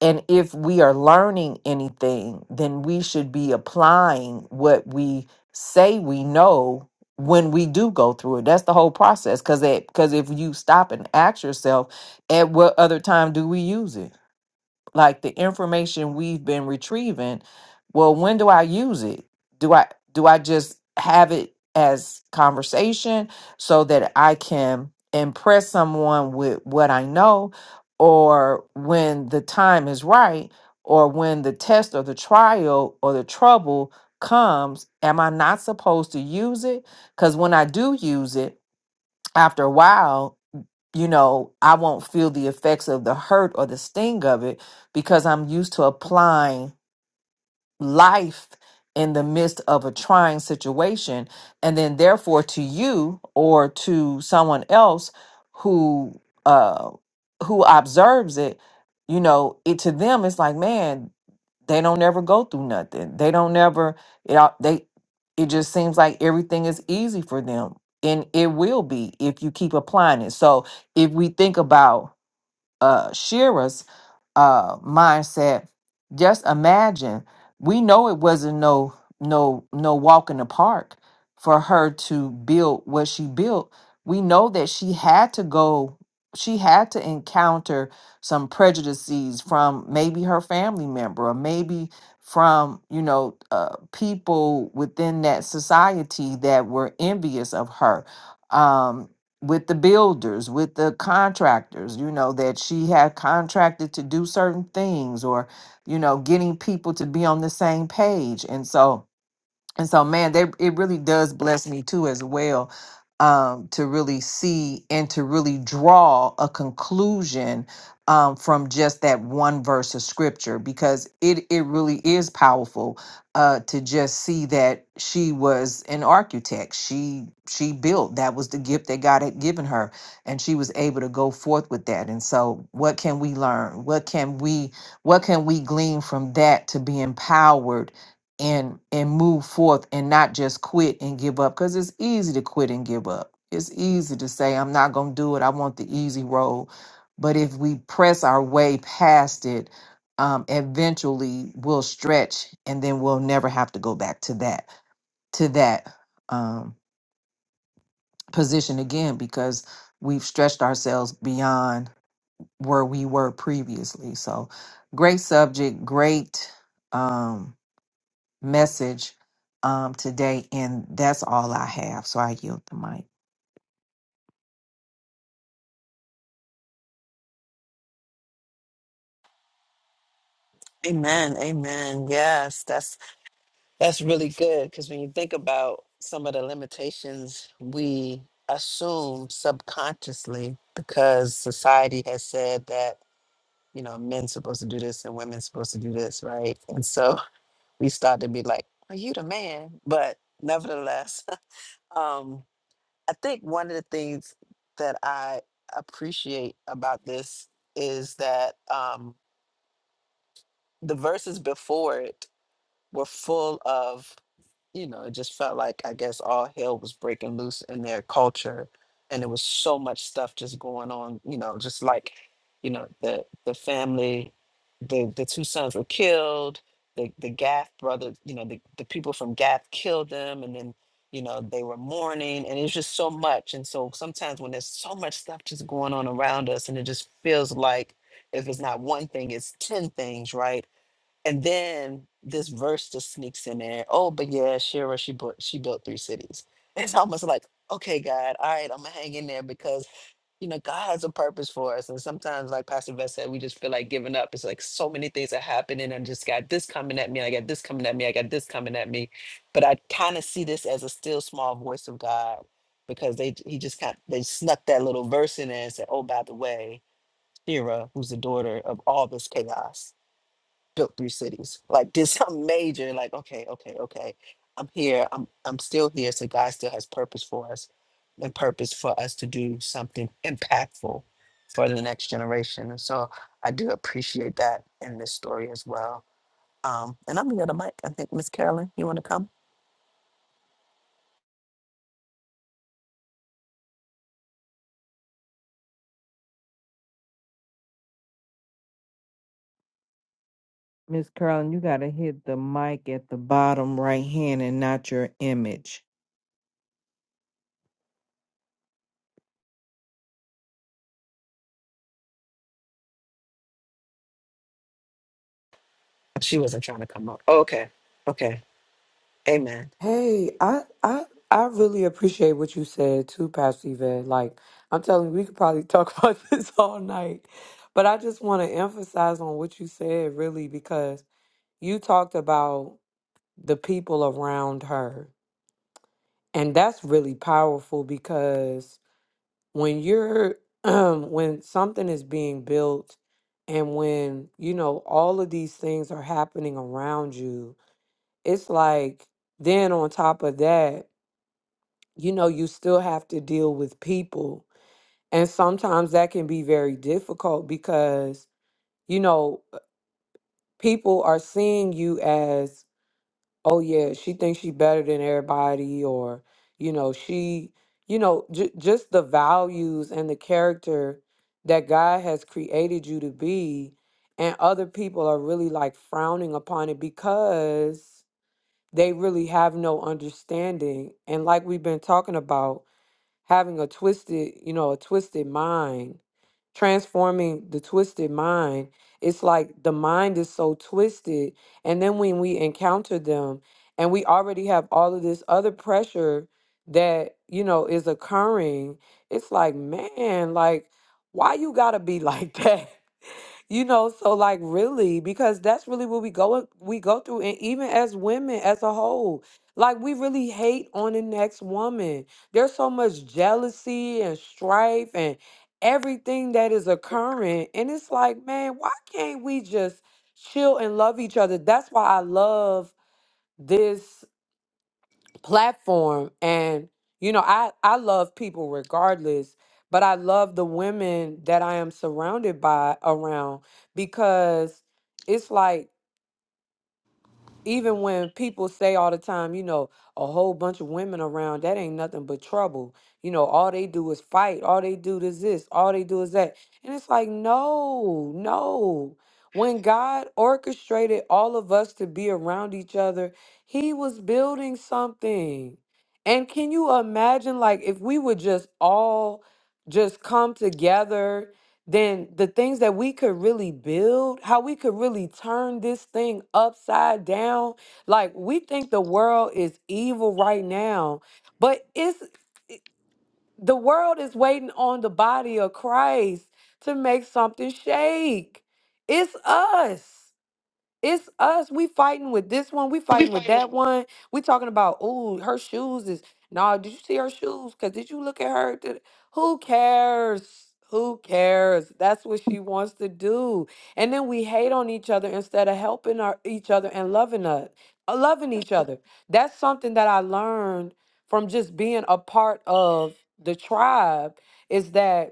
D: and if we are learning anything, then we should be applying what we say we know when we do go through it. That's the whole process. Cause cause if you stop and ask yourself, at what other time do we use it? like the information we've been retrieving well when do i use it do i do i just have it as conversation so that i can impress someone with what i know or when the time is right or when the test or the trial or the trouble comes am i not supposed to use it because when i do use it after a while you know, I won't feel the effects of the hurt or the sting of it because I'm used to applying life in the midst of a trying situation. And then, therefore, to you or to someone else who, uh, who observes it, you know, it to them, it's like, man, they don't never go through nothing. They don't never it all- they it just seems like everything is easy for them. And it will be if you keep applying it. So if we think about uh Shira's uh mindset just imagine we know it wasn't no no no walk in the park for her to build what she built we know that she had to go she had to encounter some prejudices from maybe her family member or maybe from you know uh, people within that society that were envious of her Um with the builders, with the contractors, you know, that she had contracted to do certain things or, you know, getting people to be on the same page. And so, and so man they it really does bless me too as well um to really see and to really draw a conclusion um from just that one verse of scripture because it it really is powerful uh to just see that she was an architect she she built that was the gift that God had given her and she was able to go forth with that and so what can we learn what can we what can we glean from that to be empowered and and move forth and not just quit and give up because it's easy to quit and give up it's easy to say i'm not going to do it i want the easy road but if we press our way past it um, eventually we'll stretch and then we'll never have to go back to that to that um, position again because we've stretched ourselves beyond where we were previously so great subject great um, message um, today, and that's all I have. So I yield the mic.
A: Amen. Amen. Yes, that's That's really good because when you think about some of the limitations we assume subconsciously because society has said that, you know, men's supposed to do this and women's supposed to do this, right? And so <laughs> we start to be like, are you the man? But nevertheless, <laughs> um, I think one of the things that I appreciate about this is that um, the verses before it were full of, you know, it just felt like I guess all hell was breaking loose in their culture. And there was so much stuff just going on, you know, just like, you know, the the family, the the two sons were killed, the the Gath brothers, you know, the, the people from Gath killed them and then, you know, they were mourning and it was just so much. And so sometimes when there's so much stuff just going on around us and it just feels like if it's not one thing, it's ten things, right? And then this verse just sneaks in there. Oh, but yeah, Shira, she built she built three cities. <laughs> It's almost like, okay, God, all right, I'm gonna hang in there because you know God has a purpose for us. And sometimes, like Pastor Vest said, we just feel like giving up. It's like so many things are happening. I just got this coming at me. I got this coming at me. I got this coming at me. But I kind of see this as a still small voice of God because they he just kind they snuck that little verse in there and said, oh, by the way, Shira, who's the daughter of all this chaos built three cities. Like did something major. Like okay, okay, okay. I'm here. I'm I'm still here. So God still has purpose for us, and purpose for us to do something impactful for the next generation. And so I do appreciate that in this story as well. Um, and I'm gonna mic. I think Miss Carolyn, you want to come?
D: Miss Carolyn, you gotta hit the mic at the bottom right hand and not your image.
A: She wasn't trying to come up. Oh, okay, okay. Amen.
B: Hey, I I I really appreciate what you said too, Pastor Yvette. Like I'm telling you, we could probably talk <laughs> about this all night. But I just want to emphasize on what you said really because you talked about the people around her. And that's really powerful because when you're <clears throat> um when something is being built and when, you know, all of these things are happening around you, it's like then on top of that you know, you still have to deal with people. And sometimes that can be very difficult because, you know, people are seeing you as, oh, yeah, she thinks she better than everybody, or, you know, she, you know, j- just the values and the character that God has created you to be. And other people are really like frowning upon it because they really have no understanding. And like we've been talking about, having a twisted, you know, a twisted mind, transforming the twisted mind. It's like the mind is so twisted. And then when we encounter them and we already have all of this other pressure that, you know, is occurring, it's like, man, like, why you gotta be like <laughs> that? You know, so like really, because that's really what we go we go through, and even as women as a whole, like we really hate on the next woman. There's so much jealousy and strife and everything that is occurring, and it's like, man, why can't we just chill and love each other? That's why I love this platform and you know i i love people regardless but i love the women that i am surrounded by around because it's like even when people say all the time, you know, a whole bunch of women around, that ain't nothing but trouble. You know, all they do is fight. All they do is this. All they do is that. And it's like, no, no. When God orchestrated all of us to be around each other, He was building something. And can you imagine, like, if we would just all just come together then the things that we could really build, how we could really turn this thing upside down. Like we think the world is evil right now, but it's the world is waiting on the body of Christ to make something shake. It's us. It's us. We fighting with this one. We
E: We'll be
B: fighting with
E: fine.
B: that one. We talking about, oh, her shoes is no. Did you see her shoes? Cause did you look at her? Did, who cares? Who cares? That's what she wants to do. And then we hate on each other instead of helping our, each other and loving us, uh, loving each other. That's something that I learned from just being a part of the tribe. Is that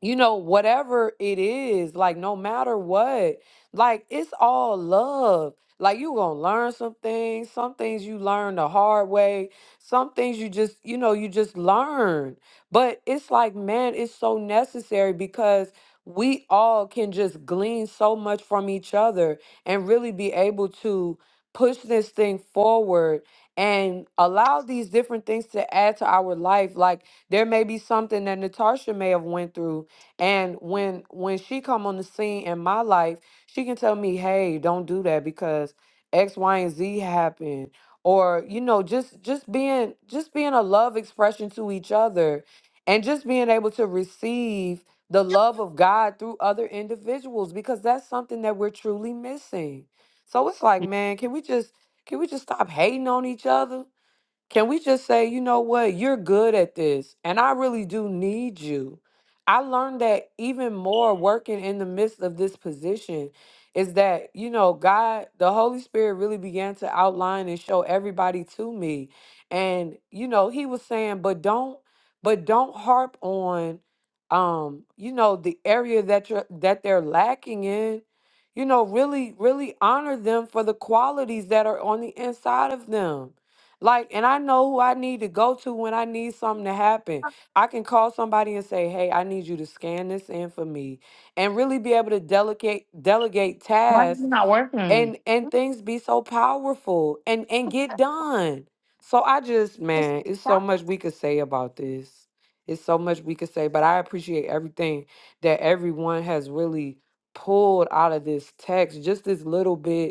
B: you know, whatever it is, like no matter what, like it's all love. Like you gonna learn some things, some things you learn the hard way, some things you just, you know, you just learn. But it's like, man, it's so necessary because we all can just glean so much from each other and really be able to push this thing forward and allow these different things to add to our life. Like there may be something that Natasha may have went through and when when she come on the scene in my life, she can tell me, "Hey, don't do that because X, Y, and Z happened." Or you know, just just being just being a love expression to each other, and just being able to receive the love of God through other individuals because that's something that we're truly missing. So it's like, man, can we just can we just stop hating on each other? Can we just say, you know what, you're good at this, and I really do need you? I learned that even more working in the midst of this position is that, you know, God, the Holy Spirit really began to outline and show everybody to me. And, you know, he was saying, but don't, but don't harp on um, you know, the area that you're that they're lacking in. You know, really, really honor them for the qualities that are on the inside of them like, and I know who I need to go to when I need something to happen. I can call somebody and say, "Hey, I need you to scan this in for me," and really be able to delegate delegate
E: Why is it
B: tasks
E: not working?
B: and and things be so powerful and and get done. So I just, man, it's so much we could say about this. It's so much we could say, but I appreciate everything that everyone has really pulled out of this text. Just this little bit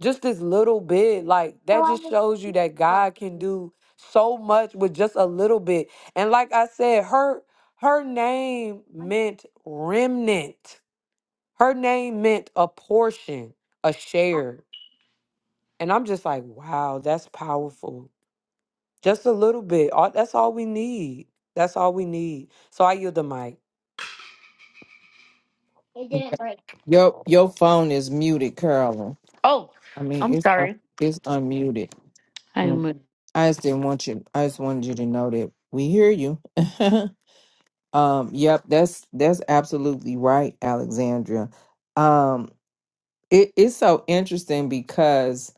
B: just this little bit like that just shows you that god can do so much with just a little bit and like i said her her name meant remnant her name meant a portion a share and i'm just like wow that's powerful just a little bit all, that's all we need that's all we need so i yield the mic
D: Your your phone is muted, Carolyn.
E: Oh,
D: I mean,
E: I'm
D: it's un-
E: sorry.
D: it's unmuted.
E: I
D: Mm.
E: moved.
D: I just didn't want you. I just wanted you to know that we hear you. <laughs> Um, yep, that's that's absolutely right, Alexandria. Um, it, it's so interesting because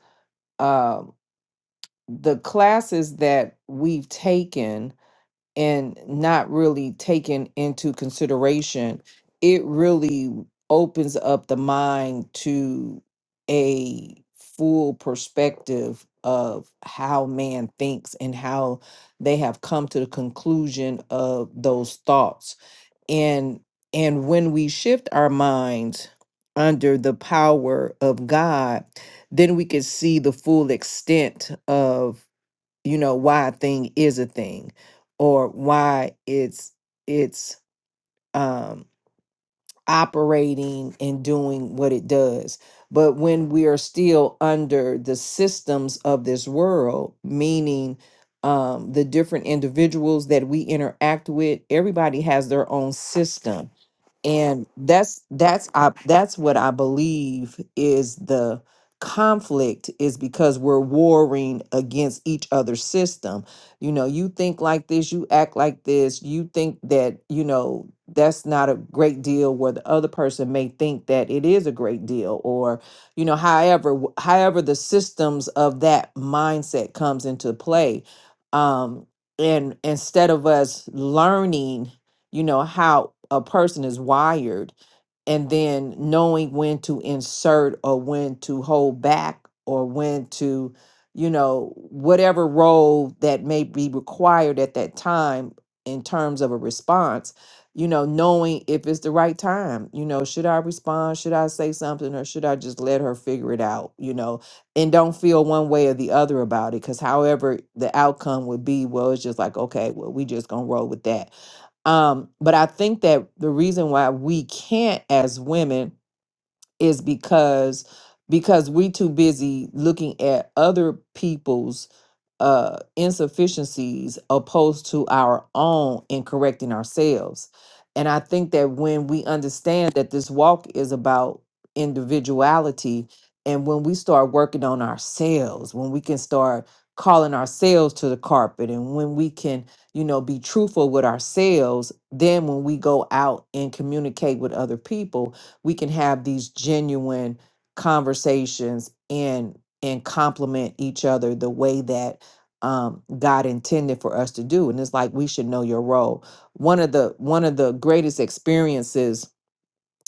D: um the classes that we've taken and not really taken into consideration, it really opens up the mind to a full perspective of how man thinks and how they have come to the conclusion of those thoughts and and when we shift our minds under the power of God then we can see the full extent of you know why a thing is a thing or why it's it's um operating and doing what it does but when we are still under the systems of this world meaning um the different individuals that we interact with everybody has their own system and that's that's I, that's what i believe is the conflict is because we're warring against each other's system you know you think like this you act like this you think that you know that's not a great deal where the other person may think that it is a great deal or you know however w- however the systems of that mindset comes into play um and instead of us learning you know, how a person is wired and then knowing when to insert or when to hold back or when to you know whatever role that may be required at that time in terms of a response you know knowing if it's the right time you know should i respond should i say something or should i just let her figure it out you know and don't feel one way or the other about it because however the outcome would be well it's just like okay well we just gonna roll with that um, but I think that the reason why we can't as women is because because we too busy looking at other people's uh, insufficiencies opposed to our own in correcting ourselves. And I think that when we understand that this walk is about individuality, and when we start working on ourselves, when we can start calling ourselves to the carpet, and when we can, you know, be truthful with ourselves, then when we go out and communicate with other people, we can have these genuine conversations and and complement each other the way that um, God intended for us to do. And it's like we should know your role. One of the one of the greatest experiences,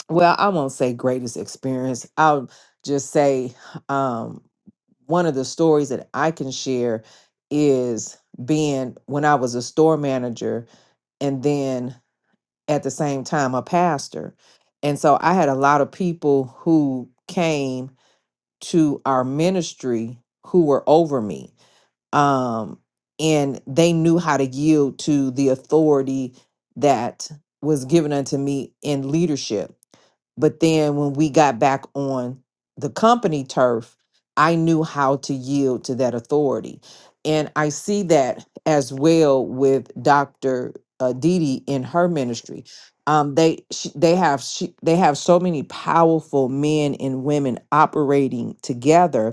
D: well, I won't say greatest experience. I'll just say um, one of the stories that I can share is being when I was a store manager and then at the same time a pastor. And so I had a lot of people who came to our ministry who were over me um, and they knew how to yield to the authority that was given unto me in leadership. But then when we got back on the company turf, I knew how to yield to that authority. And I see that as well with Dr. Uh, Didi in her ministry. Um, they she, they have she, they have so many powerful men and women operating together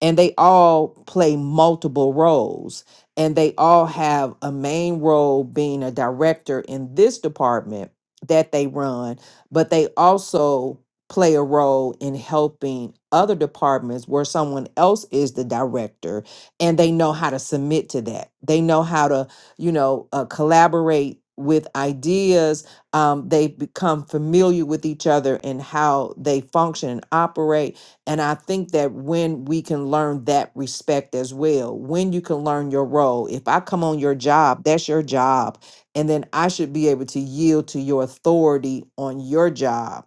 D: and they all play multiple roles and they all have a main role being a director in this department that they run but they also play a role in helping other departments where someone else is the director and they know how to submit to that they know how to you know uh, collaborate with ideas um, they become familiar with each other and how they function and operate and I think that when we can learn that respect as well, when you can learn your role, if I come on your job, that's your job. And then I should be able to yield to your authority on your job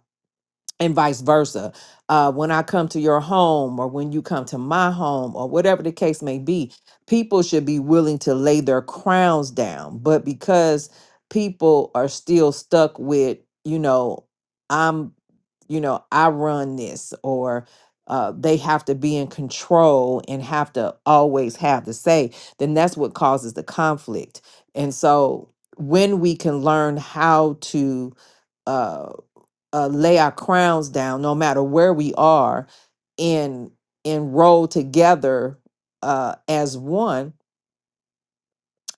D: and vice versa. Uh, when I come to your home or when you come to my home or whatever the case may be, people should be willing to lay their crowns down. But because people are still stuck with, you know, I'm, you know, I run this or uh, they have to be in control and have to always have the say, then that's what causes the conflict. And so when we can learn how to, uh, uh, lay our crowns down, no matter where we are, and and roll together uh, as one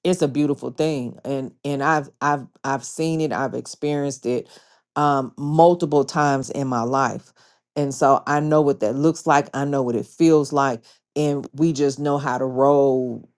D: it's a beautiful thing and and i've i've i've seen it i've experienced it um multiple times in my life and so i know what that looks like i know what it feels like and we just know how to roll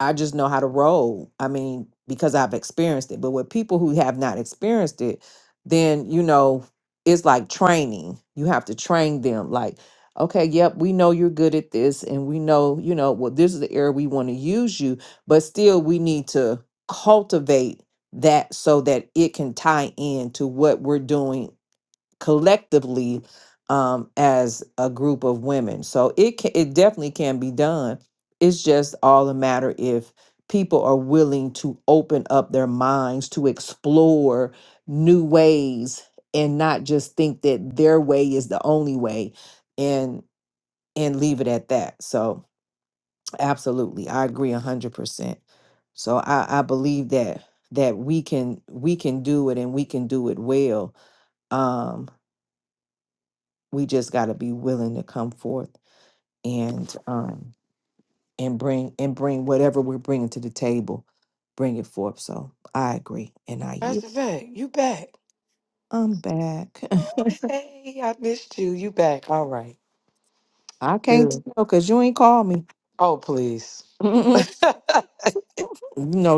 D: i just know how to roll i mean because i've experienced it but with people who have not experienced it then you know it's like training you have to train them like okay yep we know you're good at this and we know you know well this is the area we want to use you but still we need to cultivate that so that it can tie in to what we're doing collectively um, as a group of women. So it can, it definitely can be done. It's just all a matter if people are willing to open up their minds to explore new ways and not just think that their way is the only way and and leave it at that. So Absolutely. I agree a hundred percent. So I, I believe that that we can we can do it and we can do it well. Um we just gotta be willing to come forth and um and bring and bring whatever we're bringing to the table, bring it forth. So I agree and I yield.
B: pastor zach you back
D: I'm back.
B: oh hey i missed you you back all right
D: <laughs> I can't
B: good
D: tell because you ain't called me.
B: oh please
D: <laughs>
B: <laughs>
D: No,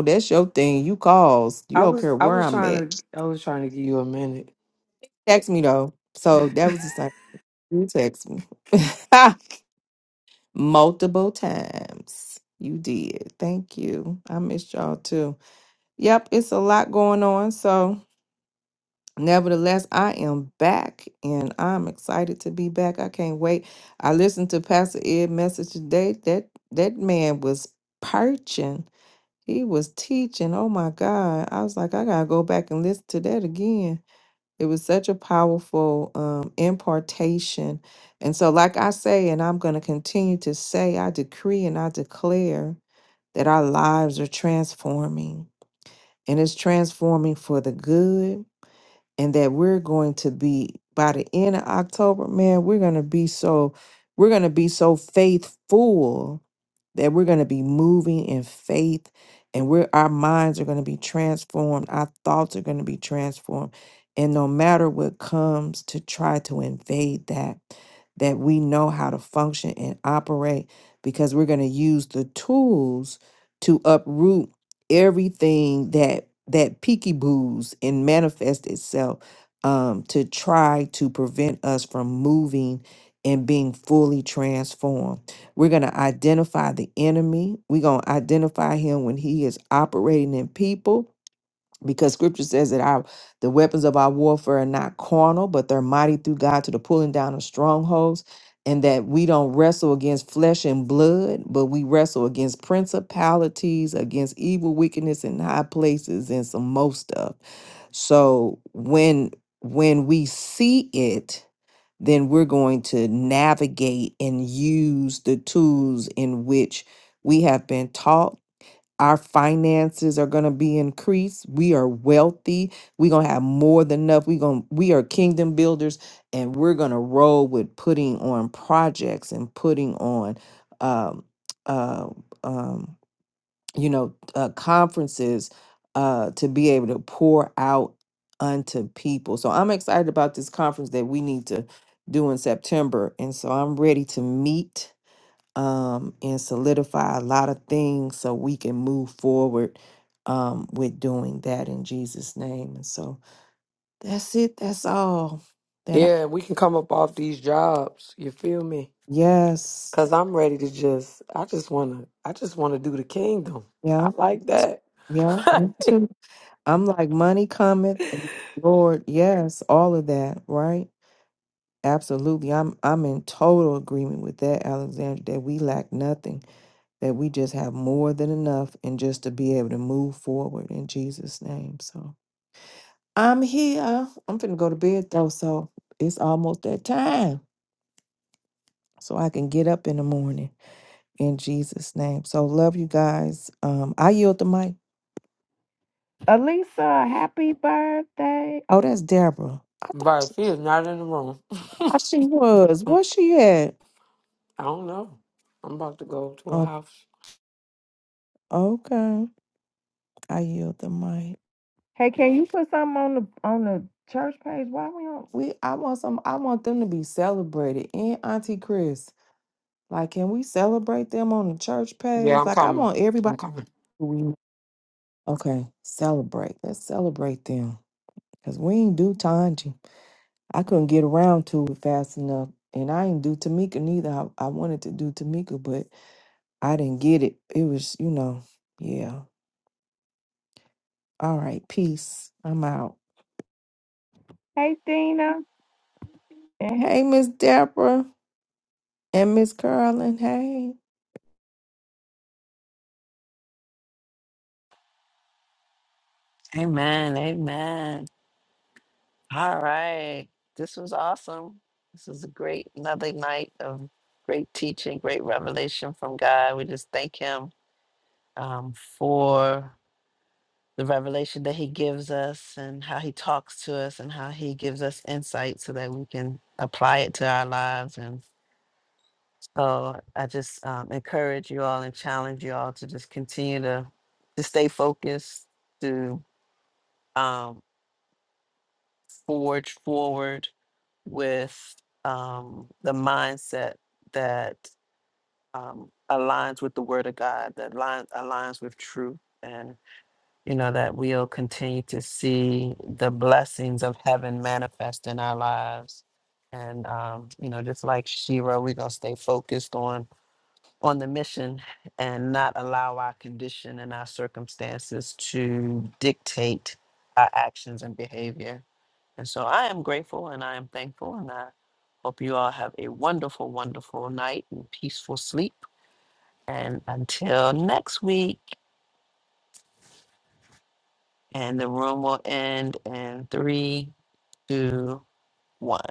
D: that's your thing. You calls. You
B: I
D: don't
B: was
D: care
B: I
D: where
B: was
D: I'm at.
B: trying to I was trying to give you a minute.
D: Text me though. So that was the same. You text me <laughs> multiple times. You did. Thank you. I missed y'all too. Yep, it's a lot going on. So, nevertheless, I am back and I'm excited to be back. I can't wait. I listened to Pastor Ed' message today. That that man was perching. He was teaching. Oh my God. I was like, I gotta go back and listen to that again it was such a powerful um, impartation. And so, like I say, and I'm going to continue to say, I decree and I declare that our lives are transforming and it's transforming for the good and that we're going to be by the end of October, man, we're going to be so we're going to be so faithful that we're going to be moving in faith and we're our minds are going to be transformed, our thoughts are going to be transformed. And no matter what comes to try to invade that that we know how to function and operate because we're going to use the tools to uproot everything that that peeky-boos and manifest itself um, to try to prevent us from moving and being fully transformed. We're going to identify the enemy. We're going to identify him when he is operating in people because scripture says that our the weapons of our warfare are not carnal but they're mighty through god to the pulling down of strongholds and that we don't wrestle against flesh and blood but we wrestle against principalities against evil wickedness in high places and some most stuff so when when we see it then we're going to navigate and use the tools in which we have been taught our finances are going to be increased. We are wealthy. We're going to have more than enough. We going to we are kingdom builders and we're going to roll with putting on projects and putting on um uh um you know uh conferences uh to be able to pour out unto people. So I'm excited about this conference that we need to do in September and so I'm ready to meet um, and solidify a lot of things so we can move forward um, with doing that in Jesus' name. And so that's it. That's all that I.
B: Yeah, we can come up off these jobs. You feel me?
D: Yes.
B: Cause I'm ready to just I just wanna I just wanna do the kingdom. I
D: Yeah.
B: like that.
D: Yeah.
B: <laughs>
D: me too. I'm like, money cometh. and Lord, yes, all of that, right? Absolutely. I'm I'm in total agreement with that, Alexander, that we lack nothing, that we just have more than enough and just to be able to move forward in Jesus' name. So I'm here. I'm finna go to bed though, so it's almost that time. So I can get up in the morning in Jesus' name. So love you guys. Um, I yield the mic. Alisa, happy birthday. Oh, that's Deborah. I
B: but she is not in the room.
D: thought she was.
B: <laughs>
D: Where she at?
B: I don't know. I'm about to go to a
D: Oh,
B: house.
D: okay. I yield the mic. Hey, can you put something on the on the church page? Why we on? We I want some I want them to be celebrated. And Auntie Chris. Like, can we celebrate them on the church
B: Yeah,
D: page?
B: I'm
D: Like, I
B: coming.
D: want everybody.
B: I'm coming.
D: to re- Okay, celebrate. Let's celebrate them. Because we ain't do Tanji. I couldn't get around to it fast enough. And I ain't do Tamika neither. I, I wanted to do Tamika, but I didn't get it. It was, you know, yeah. All right, peace. I'm out. Hey, Dina. And hey, Miss Deborah. And Miss Carolyn. Hey.
A: Amen. Amen. All right. This was awesome. This was a great, another night of great teaching, great revelation from God. We just thank Him um, for the revelation that He gives us and how He talks to us and how He gives us insight so that we can apply it to our lives. And so I just um, encourage you all and challenge you all to just continue to, to stay focused, to. um, forge forward with um, the mindset that um, aligns with the Word of God, that aligns, aligns with truth, and you know that we'll continue to see the blessings of heaven manifest in our lives. And um, you know, just like Shira, we're gonna stay focused on on the mission and not allow our condition and our circumstances to dictate our actions and behavior and so I am grateful and I am thankful. And I hope you all have a wonderful, wonderful night and peaceful sleep. And until next week, and the room will end in three, two, one.